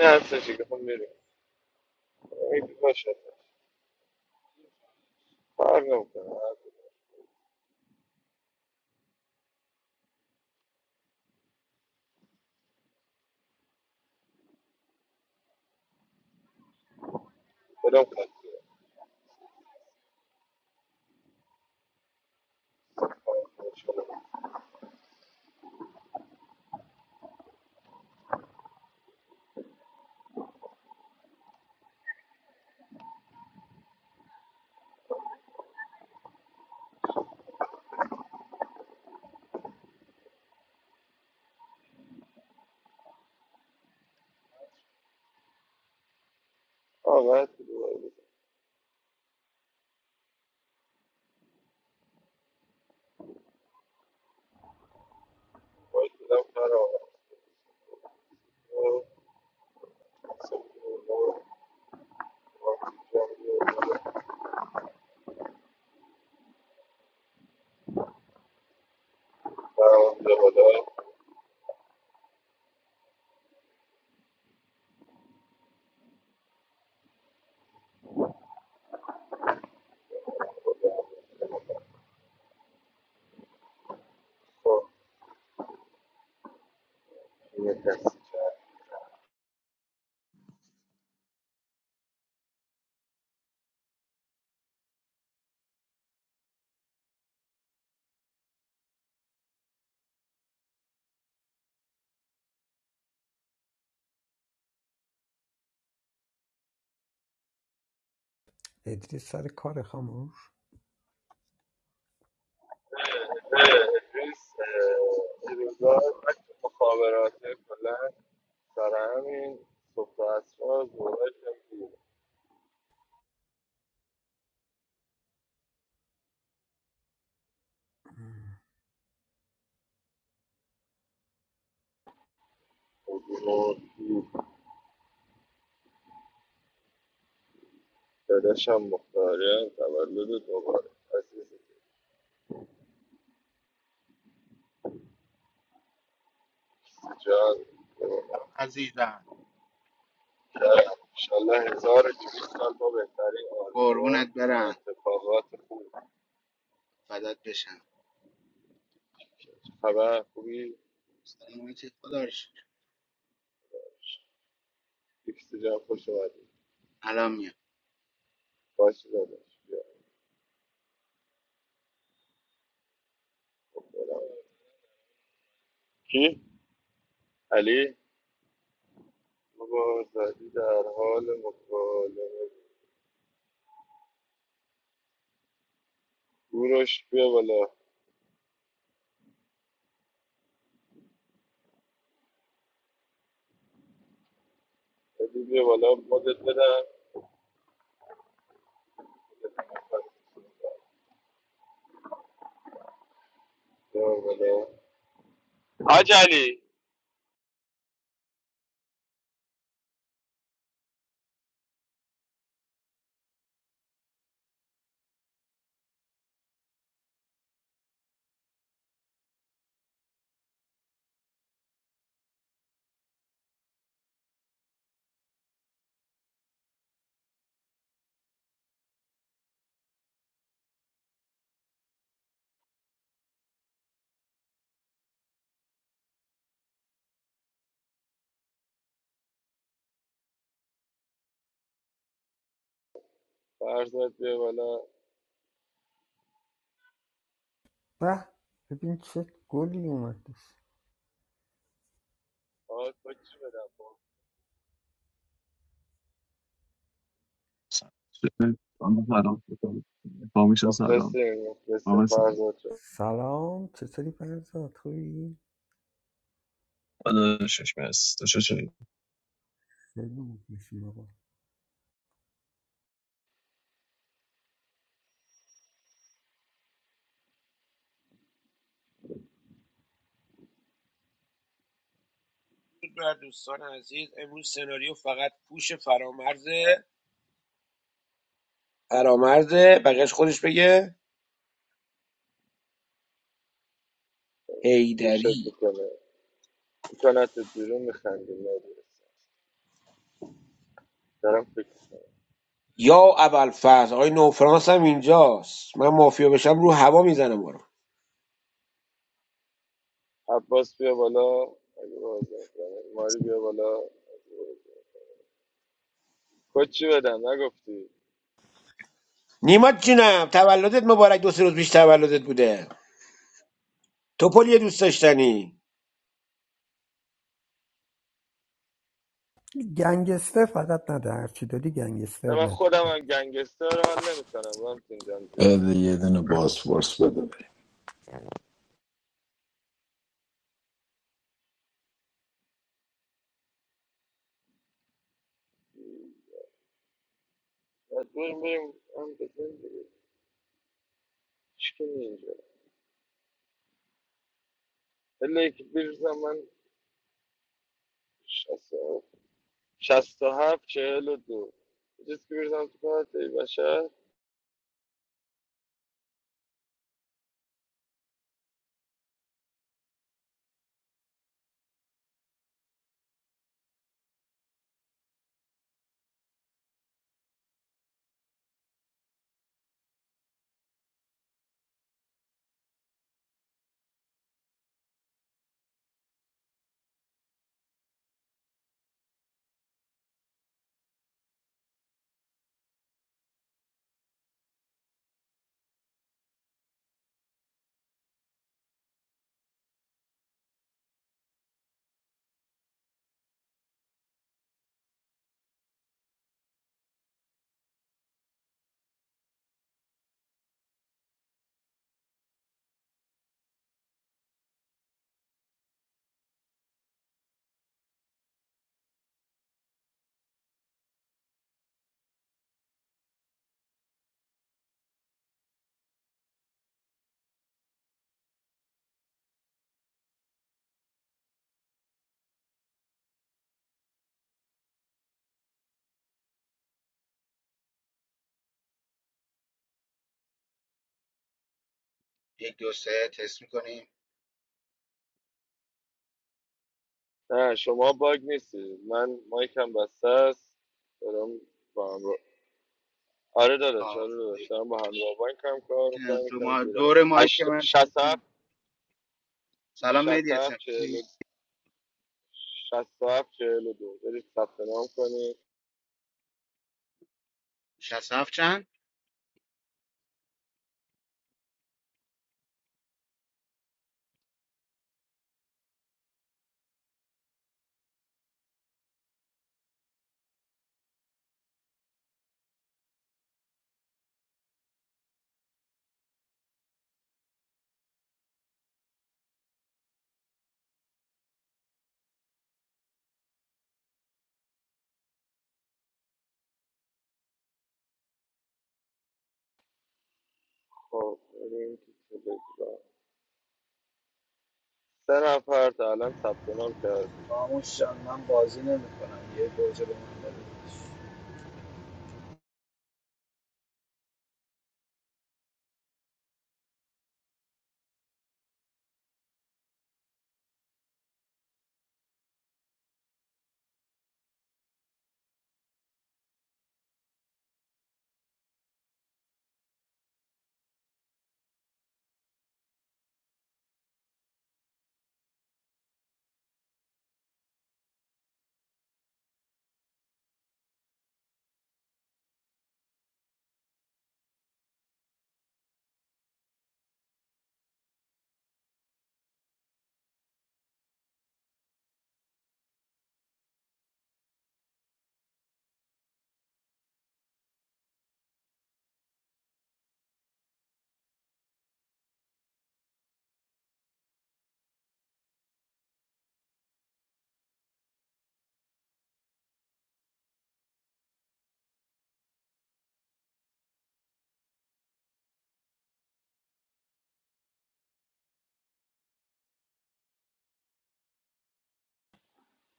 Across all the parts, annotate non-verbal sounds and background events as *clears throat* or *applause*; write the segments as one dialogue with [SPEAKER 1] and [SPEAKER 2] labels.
[SPEAKER 1] نه اصلا چی بخوام بریم امید باشد فرق نمیکنه بدم خط آقا هر کی دوباره بزن. باید بدم خط آقا. برو، سمت بالا، خب، یه دست جمع.
[SPEAKER 2] ادریس سر کار خاموش
[SPEAKER 1] نه، امروز، اه، این روزا من تو مخابرات کلا سر همین صبح و عصرها زورشم بود. خب، اینو داداشم مختاریان تولد دوباره عزیزه. جان جان.
[SPEAKER 3] عزیزم
[SPEAKER 1] انشالله هزار و دویست سال با بهترین آرزوات
[SPEAKER 3] قربونت
[SPEAKER 1] و
[SPEAKER 3] برم
[SPEAKER 1] اتفاقات خوب
[SPEAKER 3] فدات بشم
[SPEAKER 1] خبر خوبی
[SPEAKER 3] سلامتی خدا رو شکر.
[SPEAKER 1] دویست جان خوش اومدی
[SPEAKER 3] الان میام
[SPEAKER 1] باش داداش کی؟ علی بابا زدی در حال مکالمه گروش بیا بالا بدی بیا بالا مدت بدم بیا بالا حاج علی فرزاد بیا بالا
[SPEAKER 2] به ببین چه گلی اومدش
[SPEAKER 4] خانم سلام فامیشا سلام
[SPEAKER 1] مخلصیم مخلصیم
[SPEAKER 4] آقا سلام
[SPEAKER 1] فرزاد جان.
[SPEAKER 2] سلام چطوری فرزاد خوبی
[SPEAKER 4] داداشش مرسی تو چطوری
[SPEAKER 2] خیلی مخلصیم آقا
[SPEAKER 5] درود بر دوستان عزیز امروز سناریو فقط پوش فرامرزه فرامرزه بقیش خودش بگه
[SPEAKER 1] پوشت
[SPEAKER 5] هیدری
[SPEAKER 1] میکنه میکنتت بیرون میخندیم نادرست. دارم فکر میکنم
[SPEAKER 5] یا ابوالفضل آقای نوفرانس هم اینجاست من مافیا بشم رو هوا میزنم برو
[SPEAKER 1] عباس بیا بالا اگه بازی میکنه ماری بیا بالا کد چی بدم نگفتی
[SPEAKER 5] نیمات جونم تولدت مبارک دو سه روز پیش تولدت بوده توپل یه دوست داشتنی
[SPEAKER 2] گنگستر فقط نده هرچی دادی
[SPEAKER 1] نه
[SPEAKER 2] گنگستر
[SPEAKER 1] من
[SPEAKER 2] نده
[SPEAKER 1] خودم
[SPEAKER 2] خب
[SPEAKER 1] هم گنگستر حال نمیکنم من تینجان زیاد
[SPEAKER 6] بله یه دونه باسپورس بده بریم.
[SPEAKER 1] مجبور میریم هم بزن دیگه چی کنی اینجا الا یکی بریزم من شست و شست و هفت چهل و دو چیز که بریزم تو کارت ای بشر
[SPEAKER 3] یک دوره تست میکنیم
[SPEAKER 1] نه شما باگ نیستی من مایکم بسته است دارم با همراهتون آره داداش آره داداش دارم با همراه بانک هم کار میکنم
[SPEAKER 3] دو
[SPEAKER 1] یکم
[SPEAKER 3] ما
[SPEAKER 1] گیرم
[SPEAKER 3] دور ماهی که
[SPEAKER 1] هشت
[SPEAKER 3] من چیز
[SPEAKER 1] شصت
[SPEAKER 3] نمی-
[SPEAKER 1] هفت
[SPEAKER 3] سلام
[SPEAKER 1] شست
[SPEAKER 3] مهدی اسم
[SPEAKER 1] هفت چهل و شست هفت چهل و دو برید ثبت نام کنید
[SPEAKER 3] 67 چند
[SPEAKER 1] خب بریم تو تلگرام. سه نفر تا الان ثبت نام کردید
[SPEAKER 7] I'm not sure.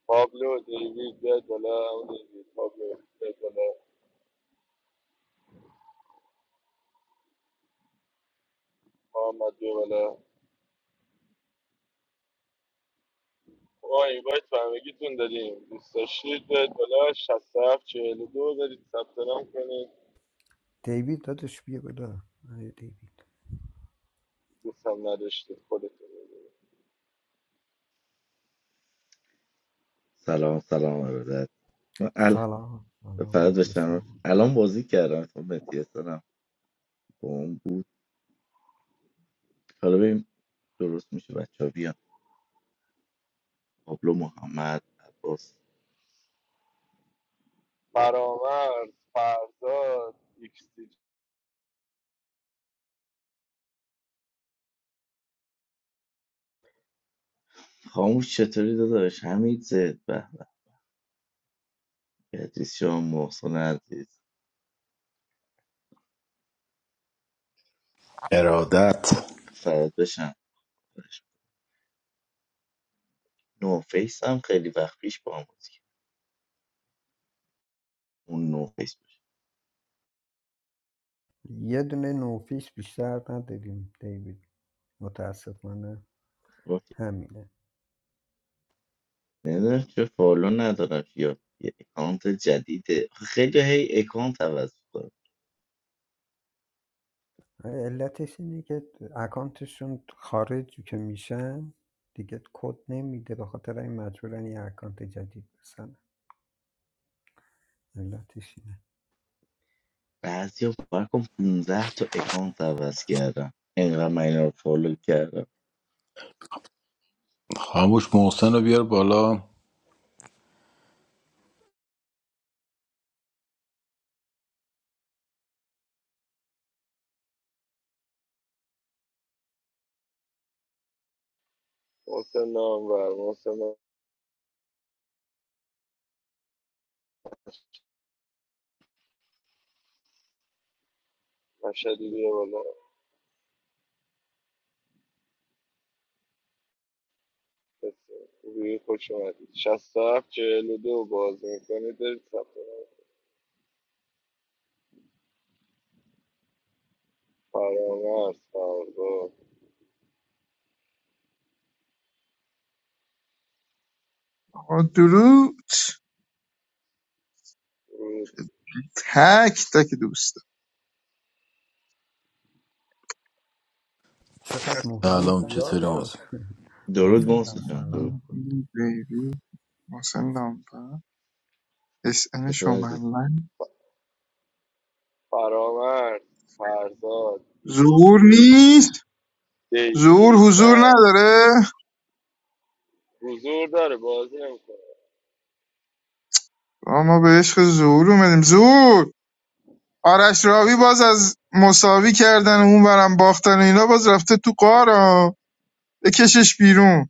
[SPEAKER 1] پابلو دیوید بیاد بالا اون دیوید پابلو بیاد بالا محمد بیا بالا ما اینوایت به همگیتون دادیم دوست داشتید بیاد بالا شست هفت چهل و دو برید ثبت نام کنید
[SPEAKER 2] دیوید دادش بیا بدا آیا دیوید
[SPEAKER 1] دوست هم نداشتید خودتون
[SPEAKER 8] سلام سلام ارادت من ال...
[SPEAKER 2] سلام سلام
[SPEAKER 8] فرد
[SPEAKER 2] مخلصیم
[SPEAKER 8] بشم
[SPEAKER 2] آقا
[SPEAKER 8] الان بازی کردم تو متی استادم با اون بود حالا ببین درست میشه بچه ها بیان پابلو محمد عباس
[SPEAKER 1] فرامرز فرزاد ایکس دی
[SPEAKER 8] خاموش چطوری داداش حمید زد به به بهتریس شما محسن عزیز
[SPEAKER 6] ارادت
[SPEAKER 8] فرد بشم نو فیس هم خیلی وقت پیش با هم بازی کرد. اون نو فیس بود
[SPEAKER 2] یه دونه نوفیس بیشتر نداریم دیوید متاسفانه همینه
[SPEAKER 8] نمیدونم چه فالو ندارم یا یه اکانت جدیده خیلی هی اکانت عوض می‌کنن.
[SPEAKER 2] آره، علتش اینه که اکانتشون خارج که میشن دیگه کد نمیده به خاطر این مجبورن یه اکانت جدید بزنن علتش اینه
[SPEAKER 8] بعضیا باور کن 15 تا اکانت عوض کردم اینقدر من اینا رو فالو کردم
[SPEAKER 6] خاموش محسن رو بیار بالا
[SPEAKER 1] محسن نامور محسن مشهدی بیا بالا روی خوش اومدید شست هفت چهل و دو باز میکنید برید ثبت نام. فرامرز فرزاد
[SPEAKER 9] با درود
[SPEAKER 1] روی
[SPEAKER 9] تک تک دوستان
[SPEAKER 2] چقدر محسن
[SPEAKER 6] سلام
[SPEAKER 2] زیاد
[SPEAKER 6] چطوری
[SPEAKER 2] شد
[SPEAKER 6] محسن
[SPEAKER 2] *laughs*
[SPEAKER 8] درود
[SPEAKER 2] محسن
[SPEAKER 8] محسن
[SPEAKER 2] جان
[SPEAKER 8] جان درود
[SPEAKER 2] سلام
[SPEAKER 9] بیبی محسن دامبر اس ان
[SPEAKER 8] چطور عزیز
[SPEAKER 9] شومنلند
[SPEAKER 1] فرامرز فرزاد ایکس
[SPEAKER 9] زور
[SPEAKER 1] دی
[SPEAKER 9] نیست زور
[SPEAKER 1] دیوید
[SPEAKER 9] حضور
[SPEAKER 1] نه
[SPEAKER 9] نداره
[SPEAKER 1] حضور داره بازی نمیکنه
[SPEAKER 9] آه، ما به عشق زور اومدیم زور آرش راوی باز از مساوی کردن اون برم باختن و اینا باز رفته تو قارا بکشش بیرون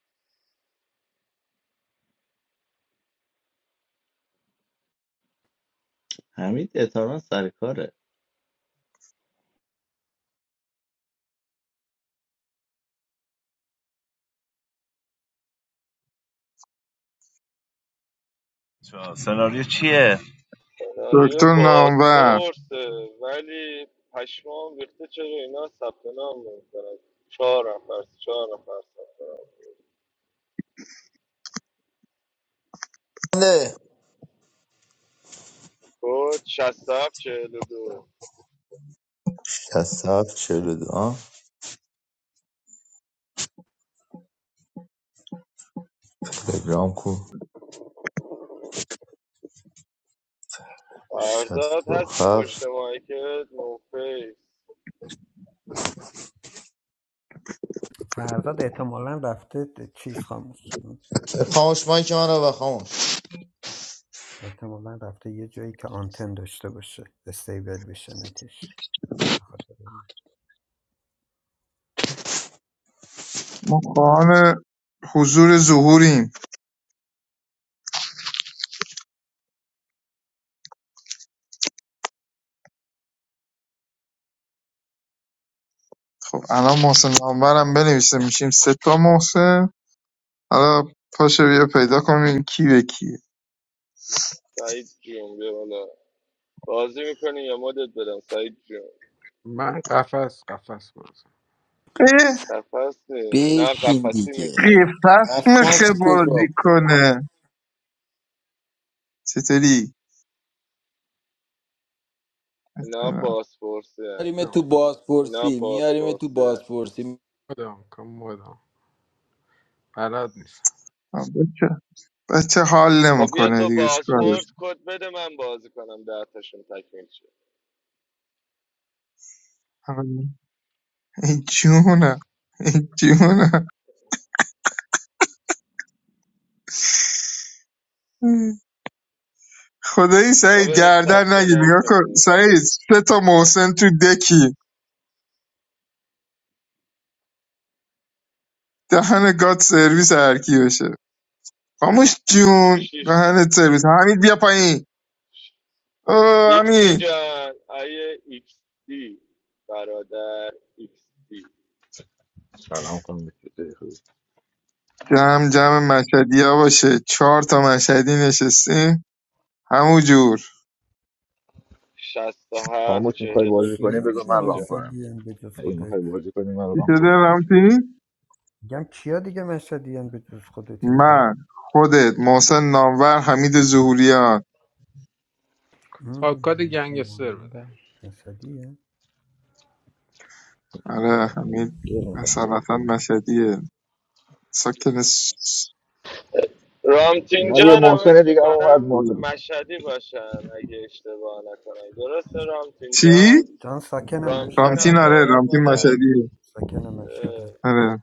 [SPEAKER 8] حمید احتمالاً سر کاره
[SPEAKER 10] بچه‌ها، سناریو چیه؟
[SPEAKER 1] سناریو
[SPEAKER 9] دکتر نامور
[SPEAKER 1] بازپرسه ولی پشمام ریخته چرا اینا ثبت نام نمیکنن چهار نفر چهار نفر ثبت نام
[SPEAKER 11] نه
[SPEAKER 1] کد 67 42
[SPEAKER 11] 67 42 تلگرام کو
[SPEAKER 1] فرزاد هستی پشت
[SPEAKER 11] 67
[SPEAKER 1] که نو فیس
[SPEAKER 2] فرزاد احتمالا رفته چیز خاموش
[SPEAKER 11] خاموش مایک من رو بخاموش
[SPEAKER 2] احتمالا رفته یه جایی که آنتن داشته باشه استیبل بشه نتش به خاطر اینه.
[SPEAKER 9] ما خواهان حضور ظهوریم خب الان محسن نامورم بنویسه میشیم سه تا محسن آقا پاشو بیا پیدا کنیم کی به کیه
[SPEAKER 1] سعید جون بیا بالا بازی میکنی یا مدت بدم سعید جون
[SPEAKER 12] من قفس قفس بازم
[SPEAKER 9] اه
[SPEAKER 1] قفص نی اینا
[SPEAKER 6] بشین
[SPEAKER 1] قفصی
[SPEAKER 6] دیگه
[SPEAKER 1] نیستن
[SPEAKER 9] قیفت میخه
[SPEAKER 6] نفس کجا
[SPEAKER 9] بازی
[SPEAKER 6] بود؟
[SPEAKER 9] کنه چطوری؟
[SPEAKER 1] اینا بازپرسی هن.
[SPEAKER 6] میاریم
[SPEAKER 12] مدام
[SPEAKER 6] تو
[SPEAKER 12] کن
[SPEAKER 1] اینا
[SPEAKER 6] بازپرسی میاریم تو
[SPEAKER 1] بازپرسی هن.
[SPEAKER 6] بازپرسی
[SPEAKER 12] مدام کن مدام بلد نیستم
[SPEAKER 9] بچه بچه حال
[SPEAKER 1] خب بیا
[SPEAKER 9] نمیکنه
[SPEAKER 1] تو
[SPEAKER 9] دیگه چیکارش
[SPEAKER 1] بازپرس کد بده من بازی کنم ده تاشون تکمیل شه
[SPEAKER 9] کنم؟ ای جونم ای جونم خدایی
[SPEAKER 1] آه،
[SPEAKER 9] سعید
[SPEAKER 1] برید
[SPEAKER 9] گردن
[SPEAKER 1] ثبت
[SPEAKER 9] نگی
[SPEAKER 1] نام
[SPEAKER 9] نگاه کن
[SPEAKER 1] کنید
[SPEAKER 9] سعید سه تا محسن تو دکی دهن گاد سرویس هرکی بشه خاموش جون
[SPEAKER 1] شیش
[SPEAKER 9] دهنت سرویس حمید بیا پایین او
[SPEAKER 1] ایکس دی
[SPEAKER 9] حمید
[SPEAKER 1] جان آیه ایکس دی برادر ایکس دی
[SPEAKER 13] سلام خانم دکتر. خوبی؟
[SPEAKER 9] جمع جمع مشهدیا باشه چهار تا مشهدی نشستیم همون جور
[SPEAKER 1] شست و هفت
[SPEAKER 13] خاموش میخوای
[SPEAKER 1] چهل و
[SPEAKER 13] بازی
[SPEAKER 1] دو
[SPEAKER 13] کنی
[SPEAKER 2] کیا
[SPEAKER 13] بذار
[SPEAKER 1] ایکس
[SPEAKER 2] دیگه
[SPEAKER 13] من
[SPEAKER 1] دی
[SPEAKER 13] ران
[SPEAKER 1] جان
[SPEAKER 13] کنم
[SPEAKER 2] مشهدیان به جز
[SPEAKER 13] اگه
[SPEAKER 2] خودت
[SPEAKER 13] میخوای بازی کنی من
[SPEAKER 9] چی
[SPEAKER 13] ران
[SPEAKER 9] شده
[SPEAKER 13] کنم خاموش
[SPEAKER 9] رمزی؟
[SPEAKER 2] میگم کیا دیگه مشهدیان به جز خودت اینجا؟
[SPEAKER 9] من خودت محسن نامور حمید زهوریان
[SPEAKER 2] مم.
[SPEAKER 12] آکاد گنگستر بده
[SPEAKER 2] محمد اسدیه
[SPEAKER 9] آره
[SPEAKER 13] یعنی
[SPEAKER 9] حمید
[SPEAKER 13] چی می‌خوایم بازی
[SPEAKER 9] اصالتا
[SPEAKER 13] کنیم؟
[SPEAKER 9] مشهدیه ساکن س-
[SPEAKER 1] رامتین
[SPEAKER 13] اینا یه
[SPEAKER 1] جان هم
[SPEAKER 13] محسن
[SPEAKER 1] اسم
[SPEAKER 13] دیگه هم اومد
[SPEAKER 1] میکنم
[SPEAKER 13] محسن
[SPEAKER 1] مشهدی باشن اگه اشتباه نکنم درسته رامتین
[SPEAKER 9] چی؟
[SPEAKER 1] جان
[SPEAKER 2] جان ساکن
[SPEAKER 1] رامتین
[SPEAKER 9] رامتین
[SPEAKER 1] هم
[SPEAKER 2] مشهدم
[SPEAKER 9] آره
[SPEAKER 1] باید
[SPEAKER 9] رامتین
[SPEAKER 1] مال
[SPEAKER 2] آه،
[SPEAKER 9] مشهدیه
[SPEAKER 2] ساکن
[SPEAKER 1] اه،
[SPEAKER 2] مشهدم
[SPEAKER 9] آره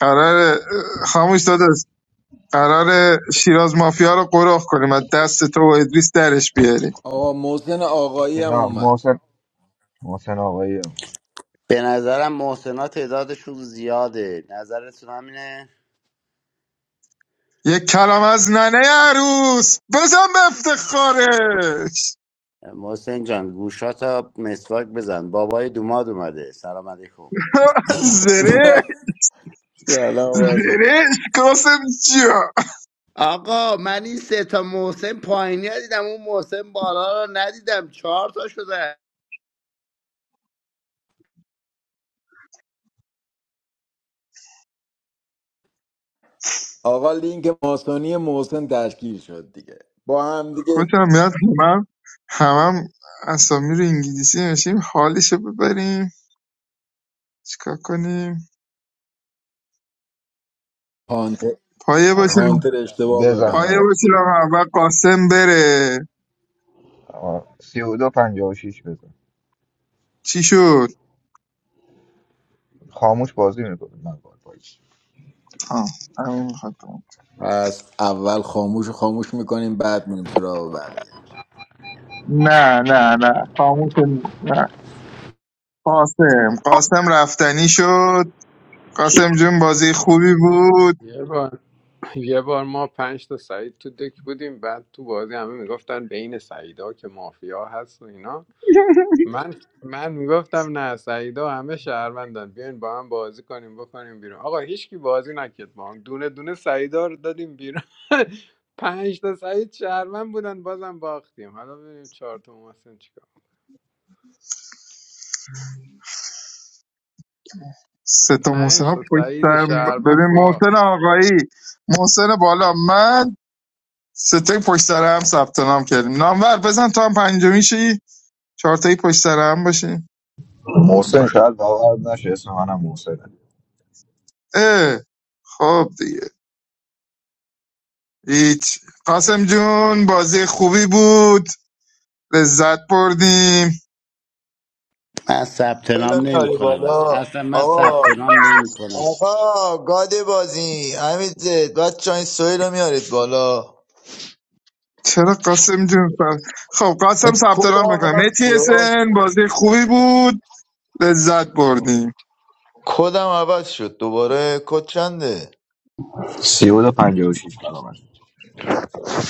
[SPEAKER 9] قرار خاموش داداش قرار شیراز مافیا رو قرخ کنیم از دست تو و ادریس درش بیاریم
[SPEAKER 6] آقا محسن آقایی هم
[SPEAKER 13] اینا
[SPEAKER 6] اومد
[SPEAKER 13] محسن محسن آقایی هم اومد.
[SPEAKER 14] به نظرم محسنا تعدادشون زیاده نظرتون همینه
[SPEAKER 9] یک کلام از ننه عروس بزن به افتخارش
[SPEAKER 14] محسن جان گوشاتا مسواک بزن بابای دوماد اومده سلام علیکم
[SPEAKER 9] *laughs* زره
[SPEAKER 6] *laughs* سلام محسن
[SPEAKER 9] زرهش قاسم جیا
[SPEAKER 14] آقا من این سه تا محسن پایینی ها دیدم اون محسن بالا رو ندیدم چهار تا شده
[SPEAKER 6] آقا لینک ماسونی محسن تشکیل شد دیگه با هم دیگه
[SPEAKER 9] خوشم میاد همم همم اسامی رو انگلیسی نشیم حالشو ببریم چیکار کنیم
[SPEAKER 6] هانتر,
[SPEAKER 9] پایه باشیم
[SPEAKER 13] آقا،
[SPEAKER 6] هانتر اشتباه
[SPEAKER 13] بزن
[SPEAKER 6] ببند
[SPEAKER 9] پایه
[SPEAKER 13] آواز
[SPEAKER 9] باشیم اول قاسم بره
[SPEAKER 13] آقا، سی و دو پنجاه و شیش بزن
[SPEAKER 9] چی شد
[SPEAKER 13] خاموش بازی میکنه من باید بازی کنم.
[SPEAKER 9] آه، همین می‌خواد
[SPEAKER 6] پس اول خاموش رو خاموش میکنیم بعد میریم سراغ بقیه
[SPEAKER 9] نه نه نه خاموش نه قاسم قاسم رفتنی شد قاسم جون بازی خوبی بود
[SPEAKER 12] یه بار یه بار ما پنج تا سعید تو دک بودیم بعد تو بازی همه میگفتن بین سعیدا که مافیا هست و اینا
[SPEAKER 9] *laughs*
[SPEAKER 12] من من میگفتم نه سعیدا همه شهروندن بیاین با هم بازی کنیم بکنیم بیرون آقا هیچکی بازی نکرد با هم دونه دونه سعیدا رو دادیم بیرون *laughs* پنج تا سعید شهروند بودن بازم باختیم حالا ببینیم چهار تا محسن چیکار
[SPEAKER 9] سه تا محسن
[SPEAKER 12] پنج
[SPEAKER 9] ها
[SPEAKER 12] تا
[SPEAKER 9] پشت
[SPEAKER 12] تایید
[SPEAKER 9] سر ببین
[SPEAKER 12] شهروند با
[SPEAKER 9] محسن آقایی محسن بالا من سه تای پشت سر هم ثبت نام کردیم نامور بزن تا هم پنجمی شی چهار تایی پشت سر هم باشیم
[SPEAKER 13] محسن
[SPEAKER 9] نامور.
[SPEAKER 13] شاید باور نشه اسم منم محسنه
[SPEAKER 9] اه خب دیگه هیچ قاسم جون بازی خوبی بود لذت بردیم
[SPEAKER 14] من ثبت
[SPEAKER 11] ایلا
[SPEAKER 14] نام نمی
[SPEAKER 11] میاری
[SPEAKER 14] کنم اصلا
[SPEAKER 11] بالا
[SPEAKER 14] اصلا من ثبت
[SPEAKER 11] آقا
[SPEAKER 14] نام نمی کنم
[SPEAKER 11] آقا گاده بازی همین زد بچه این سویل رو میارید بالا
[SPEAKER 9] چرا قاسم جون پر- خب قاسم
[SPEAKER 11] این
[SPEAKER 9] ثبت
[SPEAKER 11] کدم
[SPEAKER 9] نام میکنم
[SPEAKER 11] عوض شد
[SPEAKER 9] اتیسن بازی خوبی بود لذت بردیم
[SPEAKER 11] کدم عوض شد دوباره کد چنده
[SPEAKER 13] سی و دو پنجاه و شیش برابر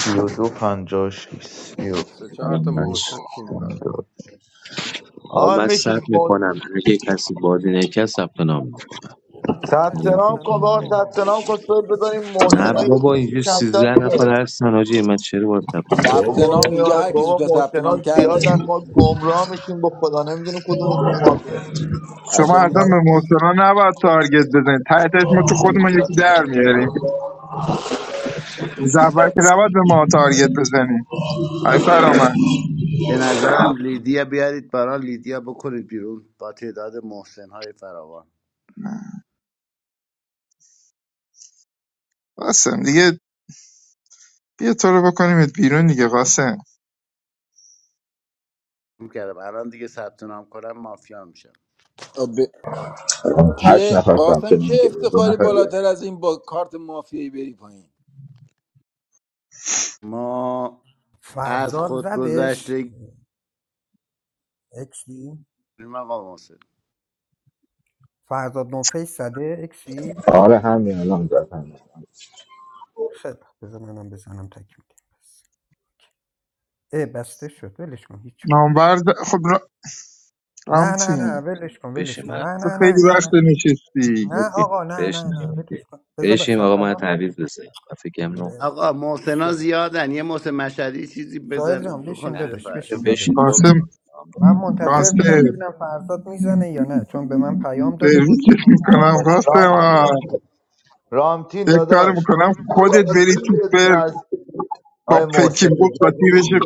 [SPEAKER 11] 32 56 32
[SPEAKER 12] سه چهار تا
[SPEAKER 15] سلام
[SPEAKER 12] محسن
[SPEAKER 15] بچ
[SPEAKER 12] پین دارم
[SPEAKER 15] آقا
[SPEAKER 11] آقا
[SPEAKER 15] من
[SPEAKER 11] میشیم
[SPEAKER 15] ثبت میکنم اگه کسی بازی نکرد ثبت نام میکنم
[SPEAKER 2] سوال جان نه
[SPEAKER 11] ثبت
[SPEAKER 15] فعلا ثبت
[SPEAKER 2] ثبت
[SPEAKER 11] نام
[SPEAKER 15] نام
[SPEAKER 11] کن
[SPEAKER 2] نام
[SPEAKER 11] با
[SPEAKER 15] نمی-
[SPEAKER 11] ثبت
[SPEAKER 2] کن
[SPEAKER 11] نام کن
[SPEAKER 2] چون
[SPEAKER 11] سویل بذاریم
[SPEAKER 15] نه
[SPEAKER 11] محسنا یه
[SPEAKER 15] بابا
[SPEAKER 11] چیزی
[SPEAKER 15] اینجا
[SPEAKER 11] کمتر
[SPEAKER 15] 13
[SPEAKER 11] شه
[SPEAKER 15] نفر هستن حاجی من چرا باید ثبت
[SPEAKER 2] یه
[SPEAKER 15] نام
[SPEAKER 2] لحظه
[SPEAKER 6] ثبت
[SPEAKER 2] بذار
[SPEAKER 11] بابا
[SPEAKER 15] کنم
[SPEAKER 6] نام
[SPEAKER 11] این
[SPEAKER 2] من
[SPEAKER 6] اینجا هر کی
[SPEAKER 11] بابا
[SPEAKER 6] زودتر
[SPEAKER 2] بگم
[SPEAKER 6] ثبت نام
[SPEAKER 11] محسنات زیادن
[SPEAKER 6] کرده
[SPEAKER 11] ما گمراه میشیم با خدا نمیدونیم کدومشون ما کنیم
[SPEAKER 9] شما
[SPEAKER 6] اصلا
[SPEAKER 9] اصلا
[SPEAKER 11] سب-
[SPEAKER 9] به محسنا نباید تارگت بزنید ته تهش ما که خودمون یکی در میاریم روز اول که نباید به ما تارگت بزنیم آی فرامن
[SPEAKER 14] به نظرم لیدیا بیارید برا لیدیا بکنید بیرون با تعداد محسن های فراوان
[SPEAKER 9] قاسم دیگه بیا تو رو بکنیمت بیرون دیگه قاسم
[SPEAKER 14] میکردم الان دیگه ثبت نام کنم مافیا میشم
[SPEAKER 6] ب...
[SPEAKER 13] آه، هشت
[SPEAKER 6] چه
[SPEAKER 13] نفر ثبت
[SPEAKER 6] قاسم
[SPEAKER 13] نام
[SPEAKER 6] چه
[SPEAKER 13] کرده دو
[SPEAKER 6] افتخاری
[SPEAKER 13] نفر
[SPEAKER 6] بالاتر
[SPEAKER 13] دیگه
[SPEAKER 6] از این با کارت مافیایی بری پایین
[SPEAKER 14] ما از
[SPEAKER 2] فرزاد زدش
[SPEAKER 14] خودگذشتگی
[SPEAKER 2] اکسی
[SPEAKER 14] آقا محسن
[SPEAKER 2] فرزاد نوفیس زده اکسی
[SPEAKER 13] آره همین الان زدن
[SPEAKER 2] خیلی بذار منم بزنم تکمیل بس ای بسته شد ولش کن هیچ ولش
[SPEAKER 9] نامبر
[SPEAKER 2] کن.
[SPEAKER 9] د- خب را-
[SPEAKER 2] نه نه نه
[SPEAKER 9] رامتین
[SPEAKER 2] ولش کن ولش
[SPEAKER 15] بشین
[SPEAKER 2] کن
[SPEAKER 15] من
[SPEAKER 2] نه
[SPEAKER 9] تو
[SPEAKER 2] نه نه
[SPEAKER 9] خیلی
[SPEAKER 2] نه
[SPEAKER 9] وقت
[SPEAKER 2] نه
[SPEAKER 9] نشستی
[SPEAKER 2] نه
[SPEAKER 15] اوکی
[SPEAKER 2] آقا نه نه
[SPEAKER 15] بشین
[SPEAKER 2] نه ولش
[SPEAKER 15] اوکی.
[SPEAKER 2] کن بذار
[SPEAKER 15] بشین
[SPEAKER 2] ثبت
[SPEAKER 15] آقا من
[SPEAKER 2] نام
[SPEAKER 15] تعویض بزن من فکر کنم
[SPEAKER 2] کنم.
[SPEAKER 15] 9
[SPEAKER 14] آقا
[SPEAKER 15] نفرم
[SPEAKER 14] محسنا زیادن یه محسن مشهدی چیزی
[SPEAKER 2] سوهل
[SPEAKER 14] بزن
[SPEAKER 2] جان
[SPEAKER 14] بکن
[SPEAKER 2] بشین
[SPEAKER 14] زیر
[SPEAKER 2] دادش
[SPEAKER 15] نه،
[SPEAKER 2] بشین
[SPEAKER 14] فرش
[SPEAKER 2] فدات
[SPEAKER 15] بشین بابا
[SPEAKER 2] بشم
[SPEAKER 9] قاسم
[SPEAKER 2] من منتظر
[SPEAKER 9] قاسم
[SPEAKER 2] بودم ببینم فرزاد میزنه یا نه چون به من پیام داده بود
[SPEAKER 9] سرویست
[SPEAKER 2] گفتم میخوام
[SPEAKER 9] میکنم
[SPEAKER 2] بازی
[SPEAKER 9] قاسم
[SPEAKER 2] کنم
[SPEAKER 11] رام-
[SPEAKER 9] آه.
[SPEAKER 11] رامتین
[SPEAKER 9] یک کار
[SPEAKER 11] داداش
[SPEAKER 9] میکنم خودت بری
[SPEAKER 11] رازی
[SPEAKER 9] تو
[SPEAKER 11] بدون
[SPEAKER 9] پر
[SPEAKER 11] از
[SPEAKER 9] با
[SPEAKER 11] آقای محسن
[SPEAKER 9] پکین بود و
[SPEAKER 11] اجازه
[SPEAKER 9] تیرش
[SPEAKER 11] میدی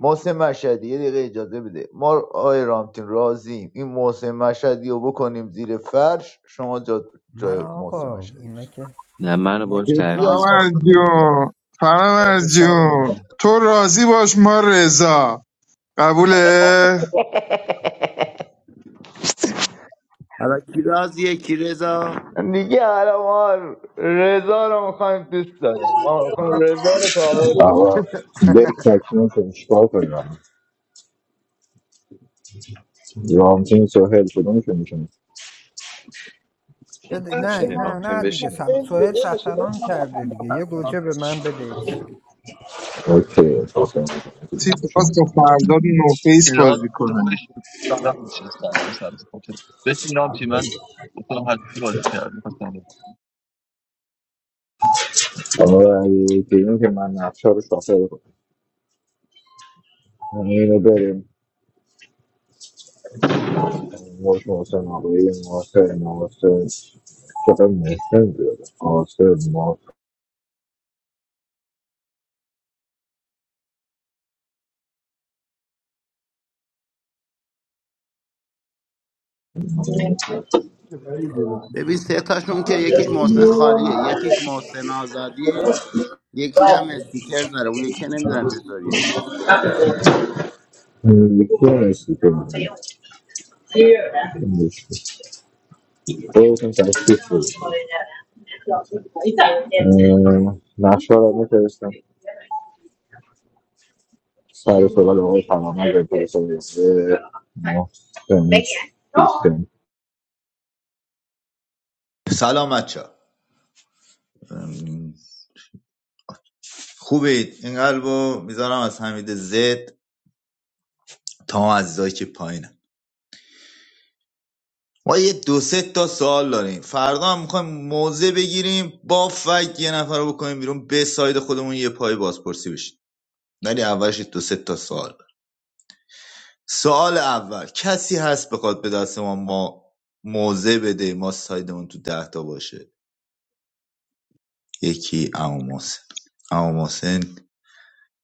[SPEAKER 11] محسن مشهدی یه دقیقه اجازه بده ما آقای رامتین راضیم این محسن مشهدی رو بکنیم زیر فرش شما جا
[SPEAKER 2] نه
[SPEAKER 11] جای محسن
[SPEAKER 2] آقا
[SPEAKER 11] مشهدی
[SPEAKER 2] اینا
[SPEAKER 11] بشید
[SPEAKER 2] که
[SPEAKER 15] نه منو
[SPEAKER 2] اینا
[SPEAKER 15] باش
[SPEAKER 2] که
[SPEAKER 11] جدی آقای
[SPEAKER 15] تعویض
[SPEAKER 9] فرامرز
[SPEAKER 15] بزن
[SPEAKER 11] محسن.
[SPEAKER 2] اینا که
[SPEAKER 9] جون
[SPEAKER 2] تاج
[SPEAKER 9] فرامرز جون
[SPEAKER 2] سرمونه
[SPEAKER 9] تو راضی باش ما رضا قبوله
[SPEAKER 14] حالا کیراز یکی رضا
[SPEAKER 11] دیگه حالا ما رضا رو میخوایم دوست داریم ما میخوایم رضا رو کامل
[SPEAKER 13] آقا بک تکمیل شد چیکار کنیم رامتین سوهل کدومشون میشن
[SPEAKER 2] بده
[SPEAKER 11] کنیم
[SPEAKER 2] نه
[SPEAKER 15] بشین
[SPEAKER 2] نه
[SPEAKER 15] ارام تیم
[SPEAKER 2] نه دیگه
[SPEAKER 15] بشین خب
[SPEAKER 2] سب... سوهل ثبت نام کرده دیگه یه گوجه به من بده ایکسی.
[SPEAKER 13] اوکی حسین
[SPEAKER 9] تیم
[SPEAKER 13] میشن
[SPEAKER 9] خواست با فرزاد نوفیس بازی
[SPEAKER 4] ایراد تو
[SPEAKER 9] کنه
[SPEAKER 4] بشین سلام بشین سلام سلام اوکی. بشین نام تیم من گفتم هستی بازی کردم خواستم
[SPEAKER 13] حالا اگه دیدیم که من نقشه رو شافل کنم اینو بریم موش محسن آقایی محسن محسن چقدر محسن بیاده محسن محسن
[SPEAKER 14] ببین سه تاشون که یکیش محسن خالیه یکیش محسن آزادیه یکیش هم استیکر داره اون یکی نمیدونم چطوریه
[SPEAKER 13] یکی نیستی که من خودتون تشکیف بود اه، نقشه رو میفرستم سر سوال آقای فرامرز انتهای سرویسه ما دوستیم
[SPEAKER 11] سلام بچه خوبید این قلبو میذارم از حمید زد تا اون عزیزایی که پایینه ما یه دو سه تا سوال داریم فردا هم میخوایم موزه بگیریم با فک یه نفر رو بکنیم بیرون به ساید خودمون یه پای بازپرسی بشیم ولی اولش دو سه تا سوال داریم. سوال اول کسی هست بخواد به دست ما ما موزه بده ما سایدمون تو ده تا باشه یکی امام محسن عمو محسن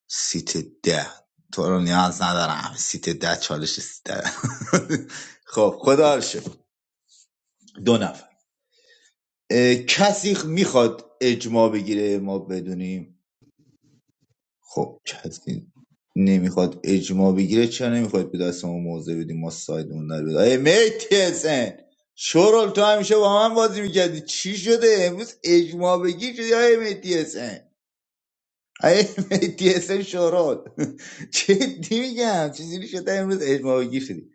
[SPEAKER 11] سیت ده تو رو نیاز ندارم سیت ده چالش سیت ده *laughs* *applause* خب خدا رو شکر. دو نفر اه، کسی میخواد اجماع بگیره ما بدونیم خب کسی نمیخواد اجماع بگیره چرا نمیخواد به دست ما موضع بدیم ما سایدمون در بیاد ای میتی شورال تو همیشه با من بازی میکردی چی شده امروز اجماع بگیر شدی ای میتی ای مهدی حسین شورال جدی میگم چیزی شده امروز اجماع گیر شدی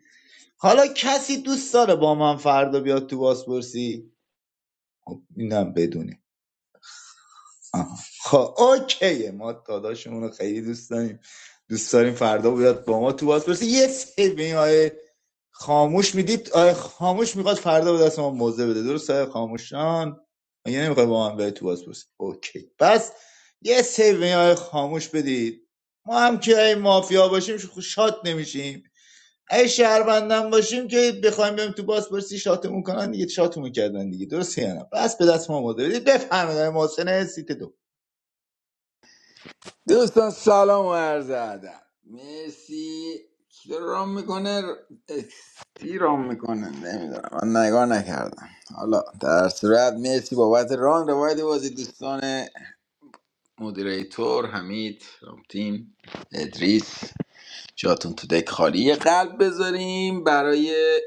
[SPEAKER 11] حالا کسی دوست داره با من فردا بیاد تو بازپرسی اینم بدونه آها. خب اوکیه ما داداشمون رو خیلی دوست داریم دوست داریم فردا بیاد با ما تو باز یه سری به این آیه خاموش میدید آیه خاموش میخواد فردا به دست ما موزه بده درست آیه خاموشان یعنی نمیخواد با من به تو باز برسه اوکی پس یه سری به این آیه خاموش بدید ما هم که این مافیا باشیم ش- شاد نمیشیم ای شهروندم باشیم که بخوایم بریم تو باز پرسی شاتمون کنن دیگه شاتمون کردن دیگه درسته یا نه بس به دست ما موزه بدید بفرمایید آیه محسن سیت دو
[SPEAKER 6] دوستان سلام و عرض ادب مرسی کی رام میکنه کی رام میکنه نمیدونم من نگاه نکردم حالا در صورت مرسی بابت ران روایت بازی دوستان مدیریتور حمید رامتین ادریس جاتون تو دک خالی یه قلب بذاریم برای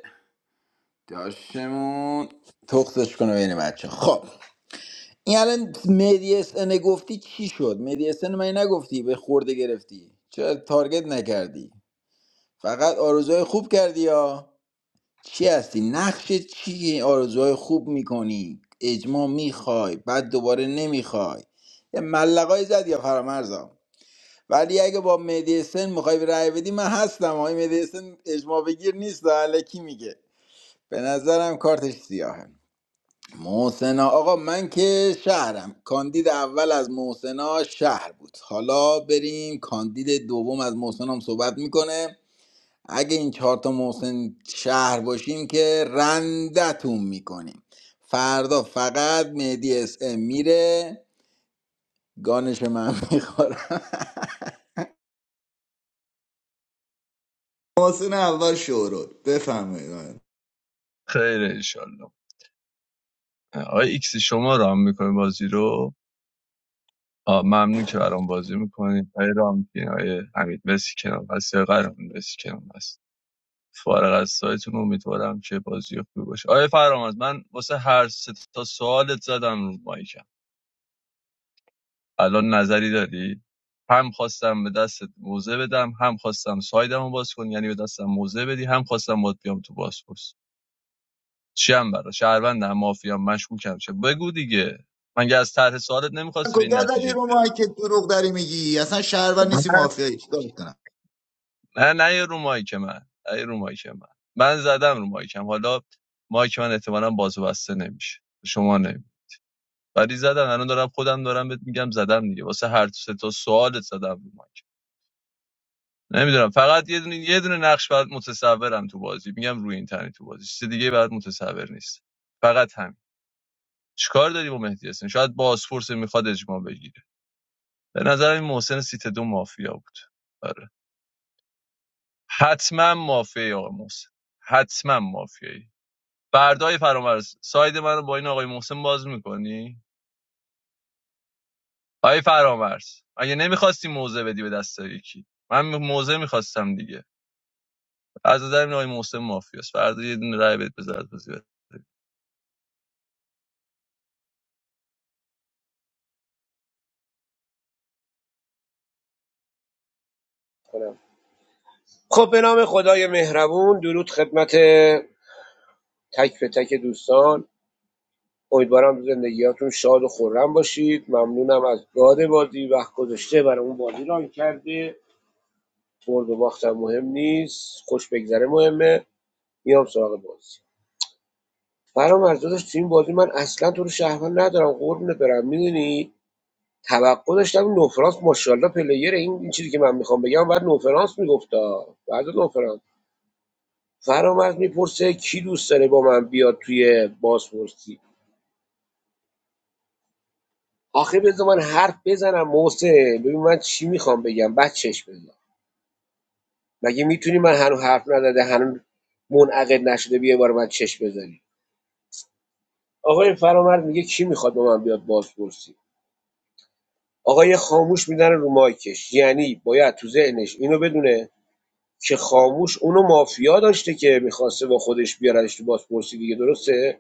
[SPEAKER 6] داشتمون تختش کنه بین بچه خب این الان مدی اس ان گفتی چی شد مدی اس ان من نگفتی به خورده گرفتی چرا تارگت نکردی فقط آرزوهای خوب کردی یا چی هستی نقش چی آرزوهای خوب میکنی اجماع میخوای بعد دوباره نمیخوای یه ملقای زد یا فرامرزا ولی اگه با مدی اسن میخوای رأی بدی من هستم آقای مدی اسن اجماع بگیر نیست الکی میگه به نظرم کارتش سیاهه محسنا آقا من که شهرم کاندید اول از محسنا شهر بود حالا بریم کاندید دوم از محسن هم صحبت میکنه اگه این چهار تا محسن شهر باشیم که رندتون میکنیم فردا فقط مهدی اس ام میره گانش من میخورم
[SPEAKER 11] محسن اول شورول بفرمایید آقایان.
[SPEAKER 4] خیر انشالله آقای ایکسی شما رام میکنی بازی رو آه، ممنون که برام بازی میکنی آقای رام تیم آقای حمید مسی کنم هستی آقای قهرمان مسی کنم فارغ از سایتون امیدوارم که بازی خوبی باشه آیا فرامرز من واسه هر سه تا سوالت زدم رو مایکم الان نظری داری هم خواستم به دستت موزه بدم هم خواستم سایدم رو باز کن یعنی به دستم موزه بدی هم خواستم باد بیام تو بازپرس چی هم برا شهروند هم مافیا هم مشکوکم چه بگو دیگه من که از طرح سوالت نمیخواستی به
[SPEAKER 11] کجا
[SPEAKER 4] این
[SPEAKER 11] زدی
[SPEAKER 4] نتیجه
[SPEAKER 11] رو
[SPEAKER 4] دیگه
[SPEAKER 11] ما که دروغ داری میگی اصلا شهرور نیستی مافیایی چیکار کنم
[SPEAKER 4] نه نه یه رو مایک من نه یه رو مایک من من زدم رو مایکم حالا مایک من احتمالاً باز و بسته نمیشه شما نمیشه ولی زدم، الان دارم خودم دارم بهت میگم زدم دیگه واسه هر سه تا سوالت زدم رو مایک نمیدونم فقط یه دونه یه دونه نقش برات متصورم تو بازی میگم روی اینترنت تو بازی چیز دیگه برات متصور نیست فقط همین چیکار داری با مهدی حسین شاید بازپرس میخواد اجماع بگیره به نظر این محسن سیت دو مافیا بود آره حتما مافیا آقا محسن حتما مافیایی فردای فرامرز ساید من رو با این آقای محسن باز میکنی آی فرامرز اگه نمیخواستی موزه بدی به دست یکی من موزه میخواستم دیگه از نظر این آقای محسن مافیاست فردا یه دونه رای بهت بذارت بازی بره.
[SPEAKER 5] کنم. خب به نام خدای مهربون درود خدمت تک به تک دوستان امیدوارم زندگیاتون شاد و خورم باشید ممنونم از گاد بازی وقت گذاشته برای اون بازی ران کرده برد و باختم مهم نیست خوش بگذره مهمه میام سراغ بازی فرامرز داداش تو این بازی من اصلا تو رو شهروند ندارم قربونت برم میدونی توقع داشتم نوفرانس ماشاءالله پلیر این, این چیزی که من میخوام بگم بعد نوفرانس میگفتا بعد نوفرانس فرامرز میپرسه کی دوست داره با من بیاد توی بازپرسی آخه بذار من حرف بزنم محسن ببین من چی میخوام بگم بعد چش بزن مگه میتونی من هنوز حرف نزده هنوز منعقد نشده بیا بار من چش بزنی آقای فرامرد میگه کی میخواد با من بیاد بازپرسی آقای خاموش میزنه رو مایکش یعنی باید تو ذهنش اینو بدونه که خاموش اونو مافیا داشته که میخواسته با خودش بیاردش تو بازپرسی دیگه درسته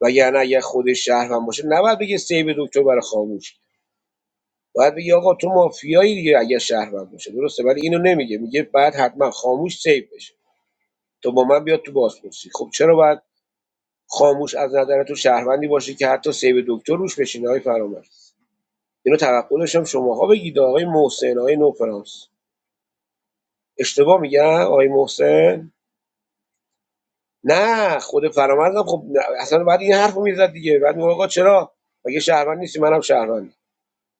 [SPEAKER 5] وگرنه اگر خودش شهروند باشه نباید بگه سیب دکتر برای خاموش باید بگه آقا تو مافیایی دیگه اگر شهروند باشه درسته ولی اینو نمیگه میگه بعد حتما خاموش سیو بشه تو با من بیاد تو بازپرسی خب چرا باید خاموش از نظر تو شهروندی باشه که حتی سیب دکتر روش بشینه های فرامرز اینو توقع داشتم شماها بگید آقای محسن آقای نوفرانس اشتباه میگم آقای محسن نه خود فرامرزم خب نه، اصلا بعد این حرفو میزد دیگه بعد میگه آقا چرا مگه شهروند نیستی منم شهروندم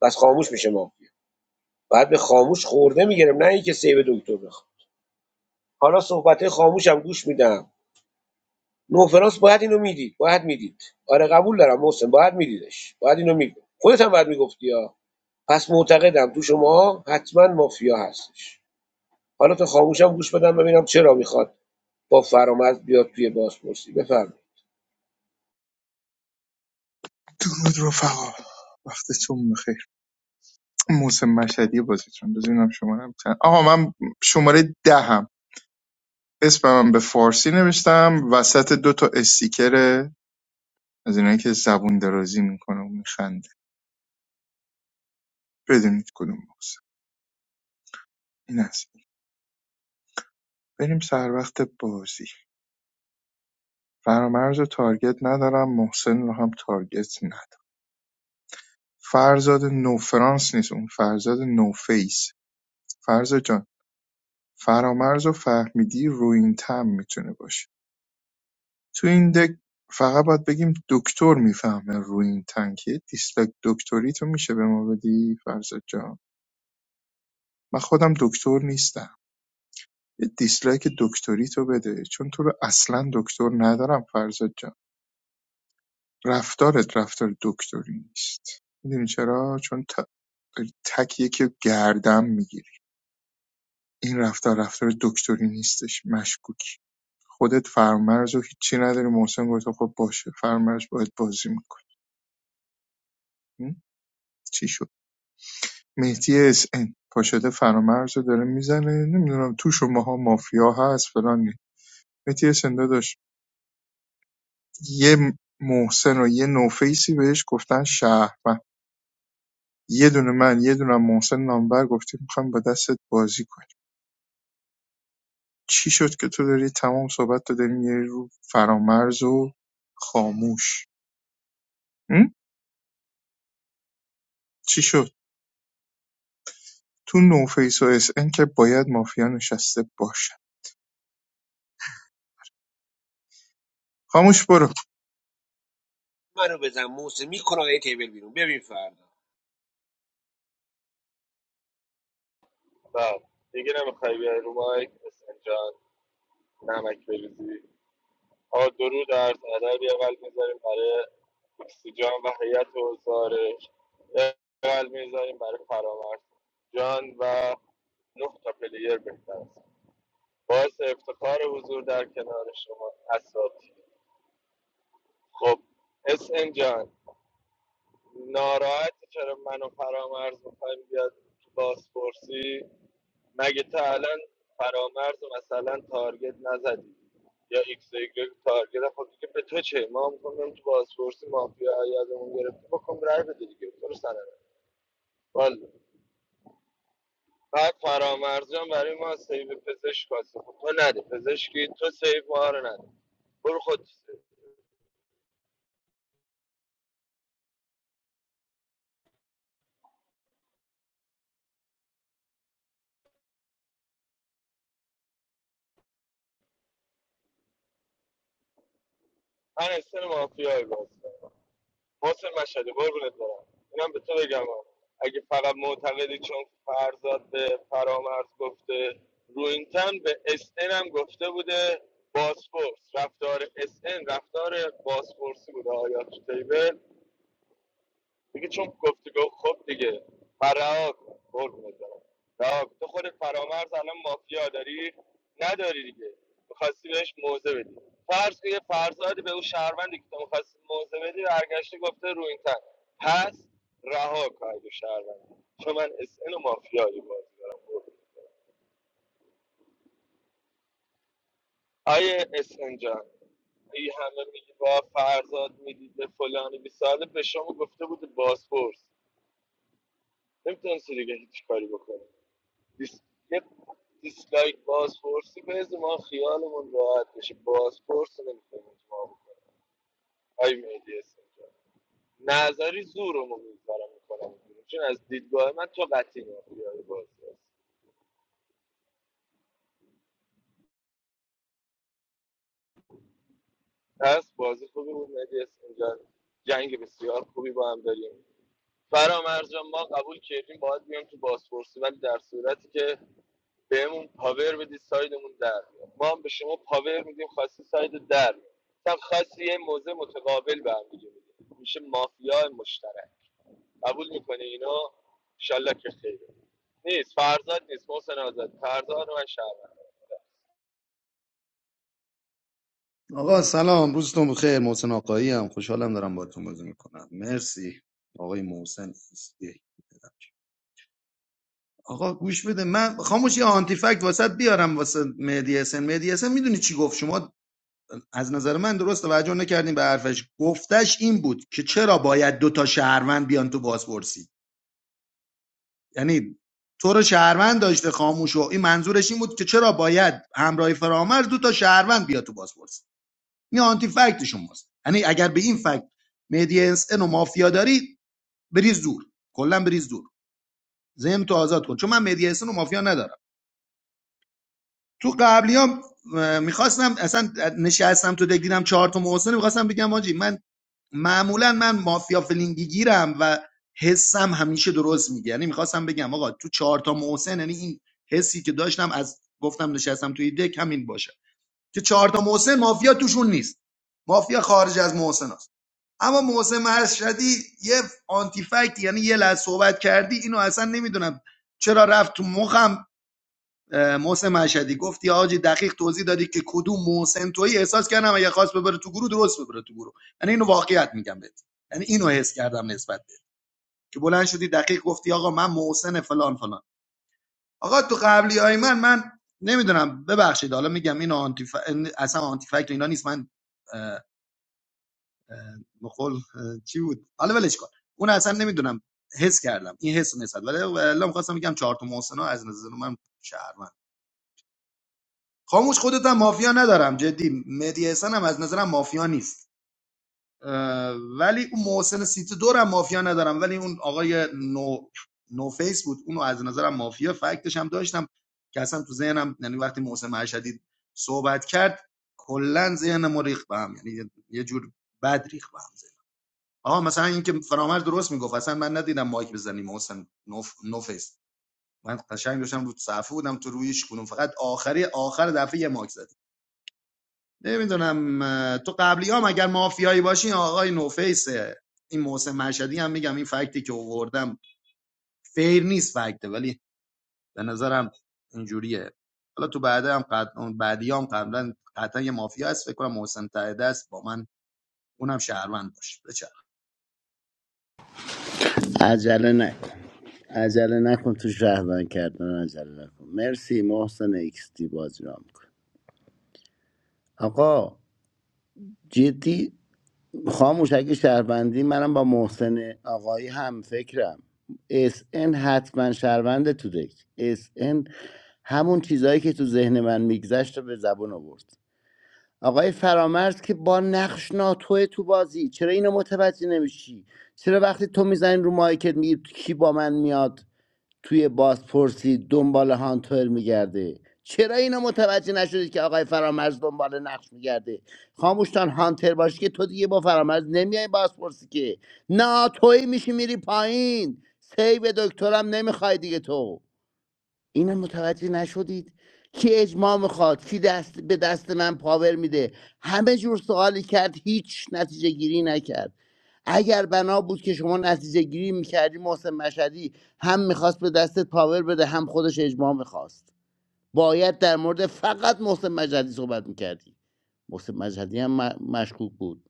[SPEAKER 5] بس خاموش میشه مافیا بعد به خاموش خورده میگیرم نه اینکه سیو دکتر بخوام حالا صحبت خاموشم گوش میدم نوفرانس باید اینو میدید باید میدید آره قبول دارم محسن باید میدیدش باید اینو میگفت خودت هم باید میگفتی پس معتقدم تو شما حتما مافیا هستش حالا تا خاموشم گوش بدم ببینم چرا میخواد با فرامرز بیاد توی بازپرسی بفرمایید
[SPEAKER 9] درود رفقا وقتتون بخیر موسم مشهدی بازیتون بزنم شماره هم چند آقا من شماره دهم اسمم به فارسی نوشتم وسط دو تا استیکر از اینایی که زبون درازی میکنه و میخنده بدونید کدوم موسم این است بریم سر وقت بازی فرامرز و تارگت ندارم محسن رو هم تارگت ندارم فرزاد نو فرانس نیست اون فرزاد نو فیس فرزاد جان فرامرز و فهمیدی روین تن میتونه باشه تو این دک فقط باید بگیم دکتر میفهمه روین تن که دیسلایک دکتری تو میشه به ما بدی فرزاد جان من خودم دکتر نیستم یه دیسلایک دکتری تو بده چون تو رو اصلا دکتر ندارم فرزاد جان رفتارت رفتار دکتری نیست میدونی چرا چون ت... داری تک گردم میگیری این رفتار رفتار دکتری نیستش مشکوکی. خودت فرمرز و هیچی نداری محسن گفت خب باشه فرمرز باید بازی میکنی چی شد مهدی اس ان پاشده فرامرز رو داره میزنه نمیدونم تو شماها مافیا هست فلان نی. مهدی اس ان داداش یه محسن و یه نوفیسی بهش گفتن شهر و یه دونه من یه دونه هم محسن نامبر گفتیم میخوایم با دستت بازی کنیم چی شد که تو داری تمام صحبت تو داری می‌گیری رو فرامرز و خاموش چی شد تو نوفیس و اس ان که باید مافیا نشسته باشه خاموش برو
[SPEAKER 5] منو بزن موسی میکنه یه تیبل بیرون ببین فردا
[SPEAKER 1] بله دیگه نمیخوای بیای رو مایک حسین جان نمک بریزی آقا درود عرض ادب یه قلب میذاریم برای اکسیجان و هیئت و زارش یه قلب میذاریم برای فرامرز جان و نه تا پلیر بهتر است باعث افتخار حضور در کنار شما اساتید خب اسم جان ناراحت چرا منو فرامرز میخوایم بیاد تو بازپرسی مگه تا الان فرامرز رو مثلا تارگت نزدی یا ایکس و ایگرگ تارگت هم خود دیگه به تو چه ما هم کنم تو بازپرسی مافیا یادمون گرفته بکن رای بده دیگه تو رو سنه والا بعد فرامرزیان برای ما سیو پزشک واسه خب تو نده پزشکی تو سیو ما رو نده برو خود تو سیو من اکسل مافیای بازی حسین مشهدی قربونت برم اینم به تو بگم ها. اگه فقط معتقدی چون فرزاد به فرامرز گفته روینتن به اس ان هم گفته بوده باسپورس رفتار اس ان رفتار باسپورسی بوده آیا تو تیبل دیگه چون گفتی گفت خب دیگه فرها کن قربونت برم رها کن. تو خودت فرامرز الان مافیا داری نداری دیگه میخواستی بهش موزه بدی فرض که یه فرزادی به اون شهروندی که تو میخواستی موزه بدی برگشته گفته رو این تن پس رها کن اگه شهروندی چون من اس و مافیایی بازی دارم آیه اس ان جان ای همه میگی با فرزاد میدید به فلانی بی ساله به شما گفته بود بازپرس نمیتونستی دیگه هیچ کاری بکنی دیس... یه دیسلایک بازپرسی بز ما خیالمون راحت بشه بازپرس نمیتونیم اجماع بکنیم آی مهدی استنجا نظری زورمو میذارم میکنم چون از دیدگاه من تو قطعی مافیای بازی هست پس بازی خوبی بود مهدی استنجا جنگ بسیار خوبی با هم داریم فرامرز جان ما قبول کردیم باید بیام تو بازپرسی ولی در صورتی که بهمون پاور بدی سایدمون در بیاد. ما هم به شما پاور میدیم خاصی ساید در بیاد. مثلا خواستی یه موزه متقابل به هم دیگه میدیم میشه مافیا مشترک قبول میکنه اینا انشالله که خیره نیست فرزاد نیست محسن آزاد فرزاد و من شهروند
[SPEAKER 16] آقا سلام روزتون بخیر محسن آقایی هم خوشحالم دارم باهاتون بازی میکنم مرسی آقای محسن ایستی. آقا گوش بده من خاموش یه آنتی فکت واسط بیارم واسه مهدی حسن مهدی حسن میدونی چی گفت شما از نظر من درست توجه نکردین به حرفش گفتش این بود که چرا باید دو تا شهروند بیان تو بازپرسی یعنی تو رو شهروند داشته خاموش و این منظورش این بود که چرا باید همراه فرامرز دو تا شهروند بیاد تو بازپرسی این آنتی فکت شماست یعنی اگر به این فکت مهدی انسن و مافیا داری بریز دور کلا بریز دور ذهن تو آزاد کن چون من مهدی انسن و مافیا ندارم تو قبلیام میخواستم اصلا نشستم تو دک دیدم چهار تا محسن میخواستم بگم واجی من معمولا من مافیا فلینگی گیرم و حسم همیشه درست میگه یعنی میخواستم بگم آقا تو چهار تا محسن یعنی این حسی که داشتم از گفتم نشستم توی دک همین باشه که چهار تا محسن مافیا توشون نیست مافیا خارج از محسن اما محسن مشهدی یه آنتی فکت یعنی یه لحظه صحبت کردی اینو اصلا نمیدونم چرا رفت تو مخم اه، محسن مشهدی گفتی آجی دقیق توضیح دادی که کدوم محسن تویی احساس کردم اگه خواست ببره تو گروه درست ببره تو گروه یعنی اینو واقعیت میگم بهت یعنی اینو حس کردم نسبت بهت که بلند شدی دقیق گفتی آقا من محسن فلان فلان آقا تو قبلی های من من نمیدونم ببخشید حالا میگم اینو آنتی ف... اصلا آنتی فکت اینا نیست من مخل چی بود حالا ولش کن اون اصلا نمیدونم حس کردم این حس نسبت ولی الا میخواستم بگم چهار تا محسن از نظر من شهروند خاموش خودت هم مافیا ندارم جدی مهدی حسن هم از نظرم مافیا نیست اه، ولی اون محسن سیت دورم مافیا ندارم ولی اون آقای نو نو فیس بود اونو از نظرم مافیا فکتش هم داشتم که اصلا تو ذهنم یعنی وقتی محسن مرشدی صحبت کرد کلا ذهنمو ریخت به هم یعنی یه یه جور بد ریخت به هم آها مثلا اینکه فرامر درست میگفت اصلا من ندیدم مایک بزنیم محسن نوف نوفیس من قشنگ داشتم رو صفحه بودم تو رویش کنم فقط آخری آخر دفعه یه ماک زدی نمیدونم تو قبلی هم اگر مافیایی باشی آقای نوفیس این محسن مشهدی هم میگم این فکتی که آوردم فیر نیست فکته ولی به نظرم اینجوریه حالا تو بعد هم قد... اون بعدی قبلا قطعا یه مافیا هست فکر کنم محسن تایده است با من اونم شهروند باشه بچه
[SPEAKER 14] عجله نکن عجله نکن تو شهروند کردن عجله نکن مرسی محسن ایکس دی بازی را میکن آقا جدی خاموش اگه شهروندی منم با محسن آقایی هم فکرم اس ان حتما شهروند تو دک اس ان همون چیزهایی که تو ذهن من میگذشت رو به زبون آورد آقای فرامرز که با نقش ناتوه تو بازی چرا اینو متوجه نمیشی چرا وقتی تو میزنی رو مایکت میگی کی با من میاد توی بازپرسی دنبال هانتر میگرده چرا اینو متوجه نشدید که آقای فرامرز دنبال نقش میگرده خاموشتان هانتر باشی که تو دیگه با فرامرز نمیای بازپرسی که نه توی میشی میری پایین سیو دکترم نمیخوای دیگه تو اینم متوجه نشدید کی اجماع میخواد کی دست به دست من پاور میده همه جور سوالی کرد هیچ نتیجه گیری نکرد اگر بنا بود که شما نتیجه گیری میکردی محسن مشهدی هم میخواست به دستت پاور بده هم خودش اجماع میخواست باید در مورد فقط محسن مشهدی صحبت میکردی محسن مشهدی هم مشکوک بود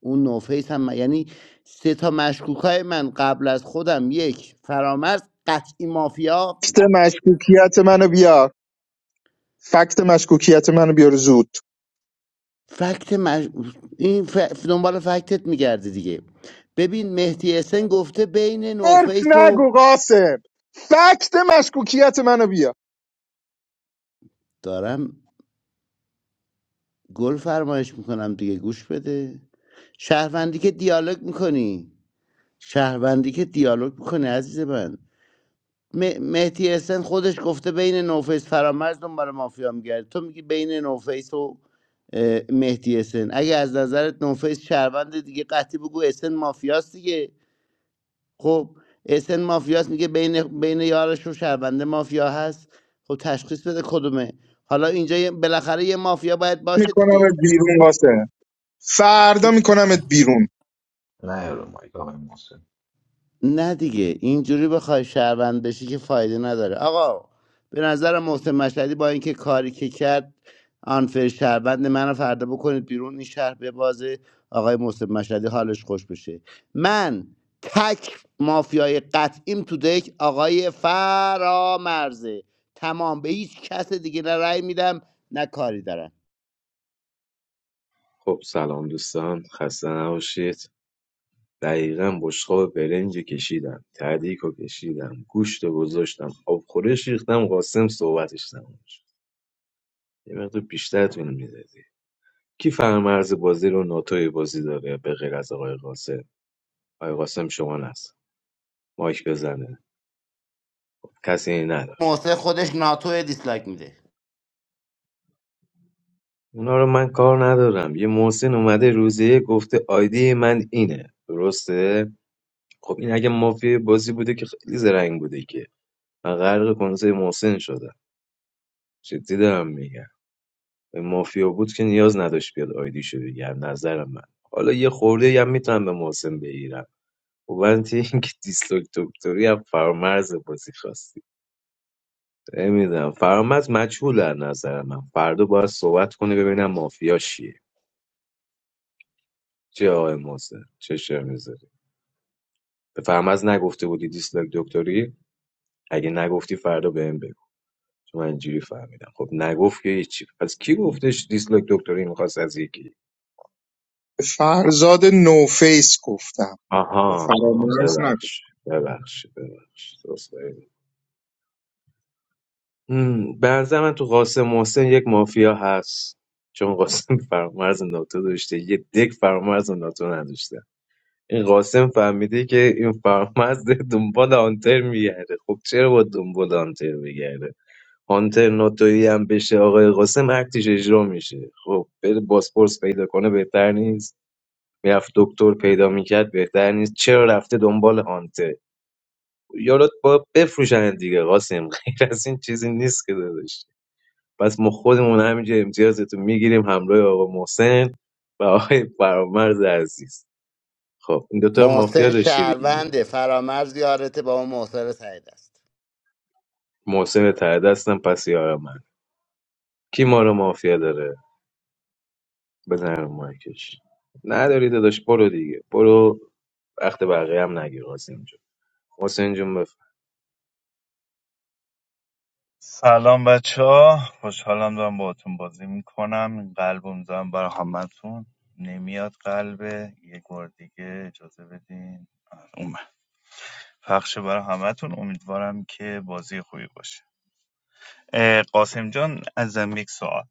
[SPEAKER 14] اون نوفیس هم م... یعنی سه تا مشکوک های من قبل از خودم یک فرامرز قطعی مافیا
[SPEAKER 9] فکت مشکوکیت منو بیار فکت مشکوکیت منو بیار زود
[SPEAKER 14] فکت مج... این ف... دنبال فکتت میگرده دیگه ببین مهدی اسن گفته بین
[SPEAKER 9] حرف
[SPEAKER 14] نوفیس
[SPEAKER 9] نگو
[SPEAKER 14] و
[SPEAKER 9] قاسم فکت مشکوکیت منو بیار
[SPEAKER 14] دارم گل فرمایش میکنم دیگه گوش بده شهروندی که دیالوگ میکنی شهروندی که دیالوگ میکنی عزیز من م- مهدی اسن خودش گفته بین نوفیس فرامرز دنبال مافیا میگرده تو میگی بین نوفیس و اه، مهدی اسن اگه از نظرت نوفیس شهروند دیگه قطعی بگو اسن مافیاست دیگه خب اسن مافیاست میگه بین بین یارش و شهرونده مافیا هست خب تشخیص بده کدومه حالا اینجا یه- بالاخره یه مافیا باید باشه
[SPEAKER 9] میکنمت
[SPEAKER 14] دیگه
[SPEAKER 9] بیرون قاسم فردا
[SPEAKER 14] تو
[SPEAKER 9] میکنمت بیرون
[SPEAKER 13] نه رو مایک آقای محسن
[SPEAKER 14] نه دیگه اینجوری بخوای شهروند بشی که فایده نداره آقا به نظر محسن مشهدی با اینکه کاری که کرد آنفر شهروند منو فردا بکنید بیرون این شهر به بازه آقای محسن مشهدی حالش خوش بشه من تک مافیای قطعیم تو دک آقای فرامرزه تمام به هیچ کس دیگه نه رأی میدم نه کاری دارم
[SPEAKER 15] خب سلام دوستان خسته نباشید دقیقا بشقاب برنجو کشیدم تعدیکو کشیدم گوشت گوشتو گذاشتم آبخورش ریختم قاسم صحبتش تموم شد یه مقدار بیشتر طول میدادی کی فرمرز بازی رو ناتوی بازی داره به غیر از آقای قاسم آقای قاسم شما نست مایک بزنه خب، کسی نداره
[SPEAKER 14] محسن خودش ناتو دیسلایک میده
[SPEAKER 15] اونا رو من کار ندارم یه محسن اومده روزه گفته آیدی من اینه درسته خب این اگه مافیای بازی بوده که خیلی زرنگ بوده که من غرق کنسه محسن شدم جدی دارم میگم مافیا بود که نیاز نداشت بیاد آیدیشو بگم نظر من حالا یه خورده هم میتونم به محسن بگیرم وانتی اینکه دیسلوک دکتری هم فرامرز بازی خواستی نمیدونم فرامرز مجهول از نظر من فردا باید صحبت کنه ببینم مافیا شیه چه آقای محسن چه شعر میذاری به فرامرز نگفته بودی دیسلوک دکتری اگه نگفتی فردا بهم بگو چون من اینجوری فهمیدم خب نگفت که هیچی پس کی گفتش دیسلوک دکتری میخواست از یکی
[SPEAKER 9] فرزاد نوفیس گفتم
[SPEAKER 15] آها آها
[SPEAKER 9] فرامرز نکن
[SPEAKER 15] ببخش ببخش ببخش درست فهمیدم. هم، به نظر من تو قاسم محسن یک مافیا هست چون قاسم *laughs* فرامرز ناتو داشته یه دک فرامرز ناتو نداشته این قاسم فهمیده که این فرامرز داره دنبال هانتر میگرده خب چرا با دنبال هانتر میگرده هانتر ناتویی هم بشه آقای قاسم اکتش اجرا میشه خب بره باسپورس پیدا کنه بهتر نیست میرفت دکتر پیدا میکرد بهتر نیست چرا رفته دنبال هانتر یارات با بفروشن دیگه قاسم غیر از این چیزی نیست که داداش پس ما خودمون همینجا امتیازتون میگیریم همراه آقا محسن و آقای فرامرز عزیز خب این دوتا رو مافیا
[SPEAKER 14] محسن
[SPEAKER 15] داشتی دیگه
[SPEAKER 14] شهرونده فرامرز یارته با اون محسن سعید است
[SPEAKER 15] محسن ته دستم پس یار من کی ما رو مافیا داره بزن رو مایکش نداری داداش برو دیگه برو وقت بقیه هم نگیر قاسم جون محسن جون بفهم
[SPEAKER 10] سلام بچه ها خوشحالم دارم باهاتون بازی میکنم این قلب میزنم برای همتون نمیاد قلبه یه بار دیگه اجازه بدین آره، اومد پخش برای همتون امیدوارم که بازی خوبی باشه اه، قاسم جان ازم یک سوال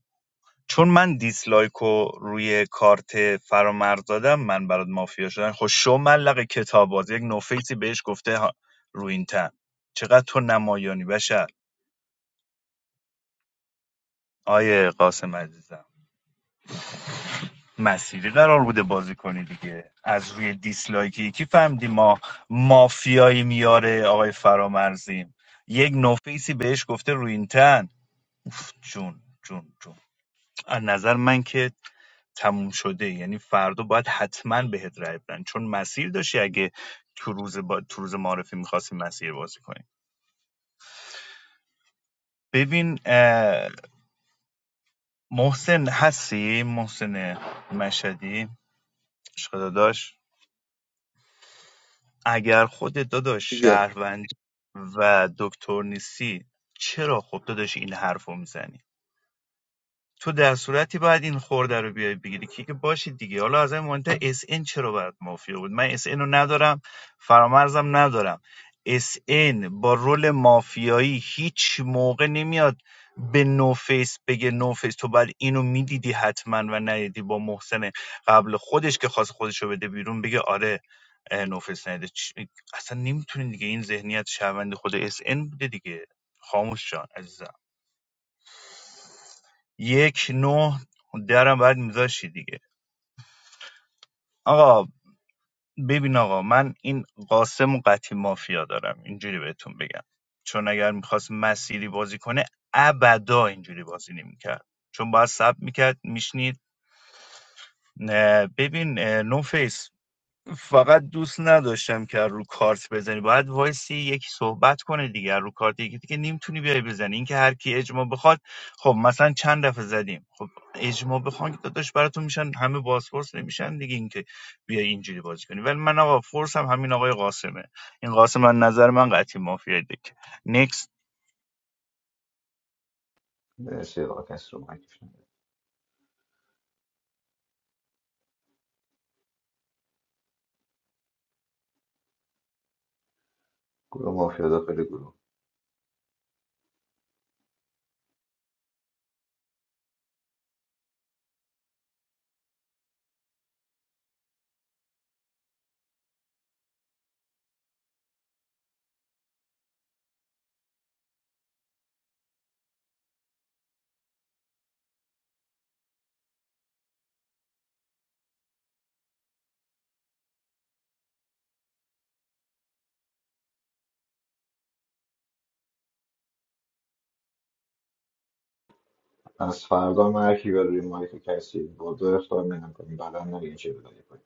[SPEAKER 10] چون من دیسلایک رو روی کارت فرامرز دادم من برات مافیا شدن خب شو ملق کتاب باز یک نوفیسی بهش گفته ها- رو این تن چقدر تو نمایانی بشه آیه قاسم عزیزم مسیری قرار بوده بازی کنی دیگه از روی دیسلایک یکی فهمیدی ما مافیایی میاره آقای فرامرزیم یک نوفیسی بهش گفته روینتن جون جون جون از نظر من که تموم شده یعنی فردا باید حتما بهت رای بدن چون مسیر داشتی اگه تو روز با... تو روز معرفی میخواستی مسیر بازی کنی ببین اه، محسن هستی محسن مشهدی عشق داداش اگر خودت داداش
[SPEAKER 9] دیگه
[SPEAKER 10] شهروند و دکتر نیستی چرا خب داداش این حرف رو میزنی تو در صورتی باید این خورده رو بیای بگیری که که باشید دیگه حالا از این مهمتر اس ان چرا باید مافیا بود من اس ان رو ندارم فرامرزم ندارم اس ان با رول مافیایی هیچ موقع نمیاد به نوفیس بگه نوفیس تو بعد اینو میدیدی حتما و ندیدی با محسن قبل خودش که خواست خودش رو بده بیرون بگه آره اه، نوفیس ندیده اصلا نمیتونین دیگه این ذهنیت شهروند خود اس ان بوده دیگه خاموش جان عزیزم. یک نه درم بعد میذاشتی دیگه آقا ببین آقا من این قاسم و قطعی مافیا دارم اینجوری بهتون بگم چون اگر میخواست مسیری بازی کنه ابدا اینجوری بازی نمیکرد چون باید سب میکرد میشنید ببین نو فقط دوست نداشتم که رو کارت بزنی باید وایسی یکی صحبت کنه دیگه رو کارت یکی دیگه نمیتونی بیای بزنی این که هر کی اجماع بخواد خب مثلا چند دفعه زدیم خب اجماع بخوان که داداش براتون میشن همه بازپرس نمیشن دیگه اینکه بیای اینجوری بازی کنی ولی من آقا فورسم همین آقای قاسمه این قاسم من نظر من قطعی مافیا دیگه نکست
[SPEAKER 13] مرسی آقا کسی رو مایک نده. گروه مافیا داخل گروه از فردا من هر کی بره روی مایک کسی با دو اختار میدم کنیم بعدا نگین چه بدهی کنیم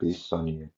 [SPEAKER 13] 20 ثانیه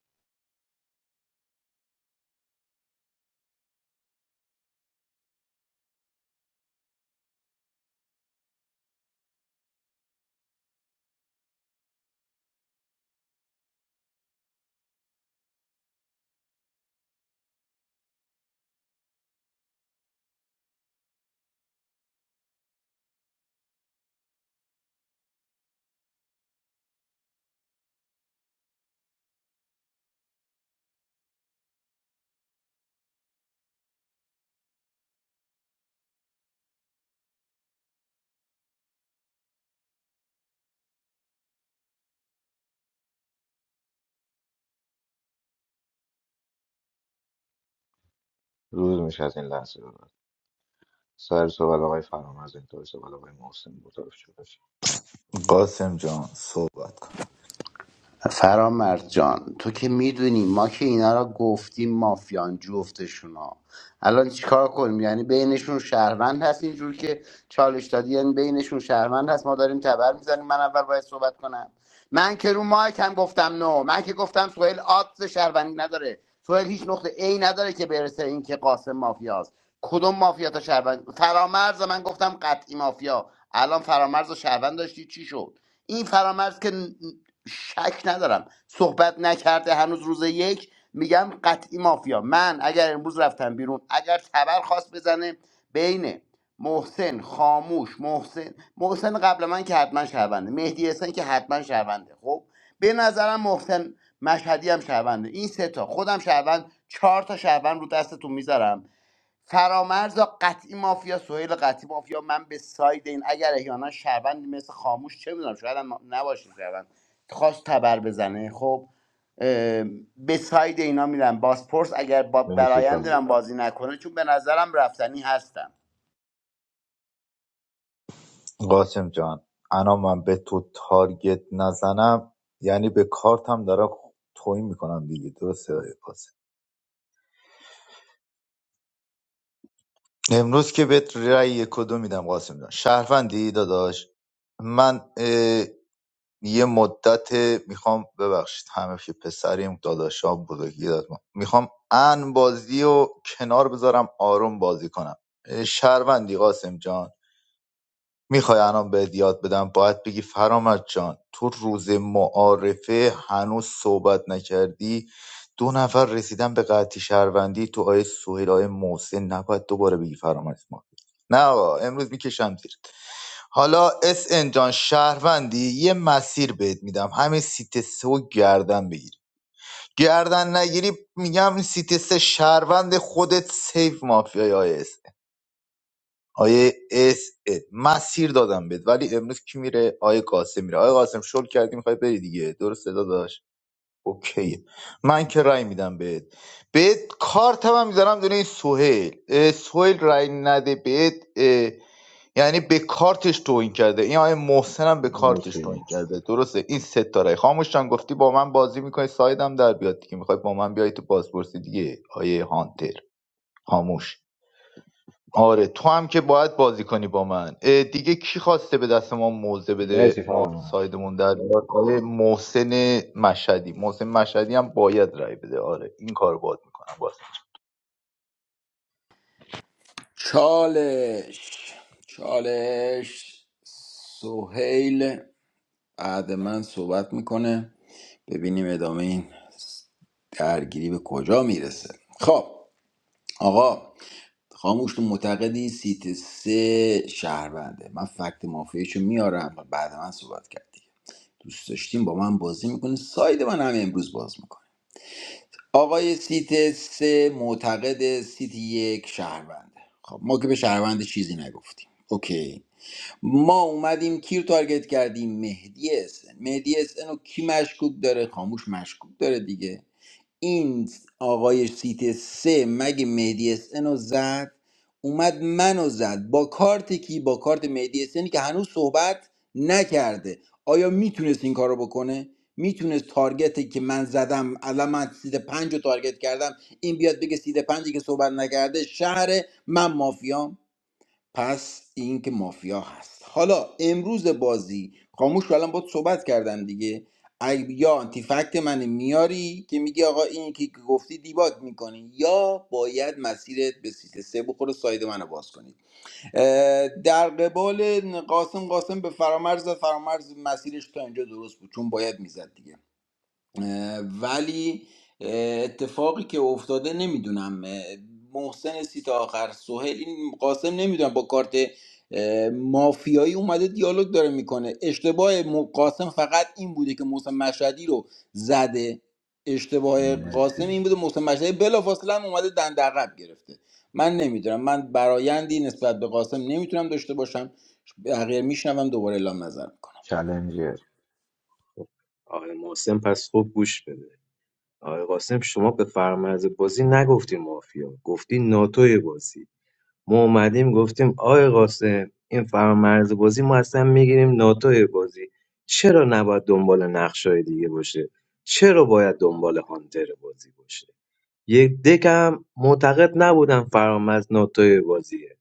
[SPEAKER 13] روز میشه از این لحظه به بعد سر سوال آقای فرامرز انتهای سوال آقای محسن بود طرف شده شد
[SPEAKER 11] قاسم جان صحبت کن
[SPEAKER 14] فرامرز جان تو که میدونی ما که اینا را گفتیم مافیان جفتشونا الان چیکار کنیم یعنی بینشون شهروند هست اینجور که چالش دادی یعنی بینشون شهروند هست ما داریم تبر میزنیم من اول باید صحبت کنم من که رو مایک هم گفتم نو من که گفتم سوهل آدز شهروندی نداره سوهل هیچ نقطه ای نداره که برسه این که قاسم مافیاست کدوم مافیا تا شهروند فرامرز من گفتم قطعی مافیا الان فرامرز و شهروند داشتی چی شد این فرامرز که شک ندارم صحبت نکرده هنوز روز یک میگم قطعی مافیا من اگر امروز رفتم بیرون اگر تبر خواست بزنه بین محسن خاموش محسن محسن قبل من که حتما شهرونده مهدی حسن که حتما شهرونده خب به نظرم محسن مشهدی هم شهرونده این سه تا خودم شهروند چهار تا شهروند رو دستتون میذارم فرامرز قطعی مافیا سهیل قطعی مافیا من به ساید این اگر احیانا شهروند مثل خاموش چه میدونم شاید هم نباشه شهروند خواست تبر بزنه خب به ساید اینا میرم باسپورس اگر با
[SPEAKER 13] مرسی
[SPEAKER 14] برایند
[SPEAKER 13] فرام
[SPEAKER 14] من بازی نکنه چون به نظرم رفتنی هستم
[SPEAKER 11] قاسم جان انا من به تو تارگت نزنم یعنی به کارتم دارم توهین میکنم دیگه درسته آقای قاسم امروز که بهت رأی کدو میدم قاسم جان شهروندی داداش من یه مدت میخوام ببخشید همه که پسریم داداشام بزرگی داد ما. میخوام ان بازی و کنار بذارم آروم بازی کنم شهروندی قاسم جان میخوای الان بهت یاد بدم باید بگی فرامد جان تو روز معارفه هنوز صحبت نکردی دو نفر رسیدن به قطعی شهروندی تو آیه سهیل آیه محسن نباید دوباره بگی فرامد ما نه آقا امروز میکشم زیرت حالا اس ان جان شهروندی یه مسیر بهت میدم همین سیت سه و گردن بگیر گردن نگیری میگم سیت سه شهروند خودت سیف مافیای آیه اس. آیه اس اه، مسیر دادم بهت ولی امروز کی میره آیه قاسم میره آیه قاسم شل کردی میخوای بری دیگه درسته داداش داشت اوکیه من که رای میدم بهت بهت کارت هم میذارم دونه این سهیل اه، سهیل رای نده بهت اه، یعنی به کارتش توهین کرده این آیه محسن هم به کارتش توهین
[SPEAKER 13] مرسی
[SPEAKER 11] کرده درسته این سه تا رای خاموشان گفتی با من بازی میکنی سایدم در بیاد دیگه میخوای با من بیای تو بازپرسی دیگه آیه هانتر خاموش آره تو هم که باید بازی کنی با من اه، دیگه کی خواسته به دست ما موزه بده
[SPEAKER 13] مرسی
[SPEAKER 11] ما
[SPEAKER 13] فرامرز
[SPEAKER 11] سایدمون در بیاد آره محسن مشهدی محسن مشهدی هم باید رای بده آره این کار باید میکنم باز
[SPEAKER 6] *laughs* چالش چالش سهیل بعد من صحبت میکنه ببینیم ادامه این درگیری به کجا میرسه خب آقا خاموش تو معتقدی سیت سه شهرونده من فکت مافیاشو میارم و بعد من صحبت کردی دوست داشتیم با من بازی میکنه ساید من همه امروز باز میکنه آقای سیت سه معتقد سیت یک شهرونده خب ما که به شهرونده چیزی نگفتیم اوکی ما اومدیم کی رو تارگت کردیم مهدی اسن مهدی اسن رو کی مشکوک داره خاموش مشکوک داره دیگه این آقای سیت سه مگه مهدی اسن رو زد اومد منو زد با کارت کی با کارت مهدی اسنی که هنوز صحبت نکرده آیا میتونست این کارو بکنه میتونست تارگتی که من زدم الان من سید پنج رو تارگت کردم این بیاد بگه سیت پنجی که صحبت نکرده شهر من مافیام پس این که مافیا هست حالا امروز بازی خاموش که الان باید صحبت کردم دیگه ای- یا آنتیفکت من میاری که میگی آقا این که گفتی دیباک میکنی یا باید مسیرت به سیت سه بخوره ساید منو باز کنی اه، در قبال قاسم قاسم به فرامرز زد فرامرز مسیرش تا اینجا درست بود چون باید میزد دیگه ولی اتفاقی که افتاده نمیدونم محسن سی تا آخر سهیل این قاسم نمیدونم با کارت اه، مافیایی اومده دیالوگ داره میکنه اشتباه م- قاسم فقط این بوده که محسن مشهدی رو زده اشتباه قاسم
[SPEAKER 13] مرسی
[SPEAKER 6] این بوده محسن مشهدی بلافاصله هم اومده دندقب گرفته من نمیدونم من برایندی نسبت به قاسم نمیتونم داشته باشم بقیه میشنوم دوباره اعلام نظر
[SPEAKER 13] چالنجر
[SPEAKER 15] آره محسن پس خوب گوش بده آقای قاسم شما به فرمز بازی نگفتیم مافیا گفتی ناتوی بازی ما اومدیم گفتیم آقای قاسم این فرمز بازی ما اصلا میگیریم ناتوی بازی چرا نباید دنبال نقشای دیگه باشه چرا باید دنبال هانتر بازی باشه یک دکم معتقد نبودم فرامز ناتوی بازیه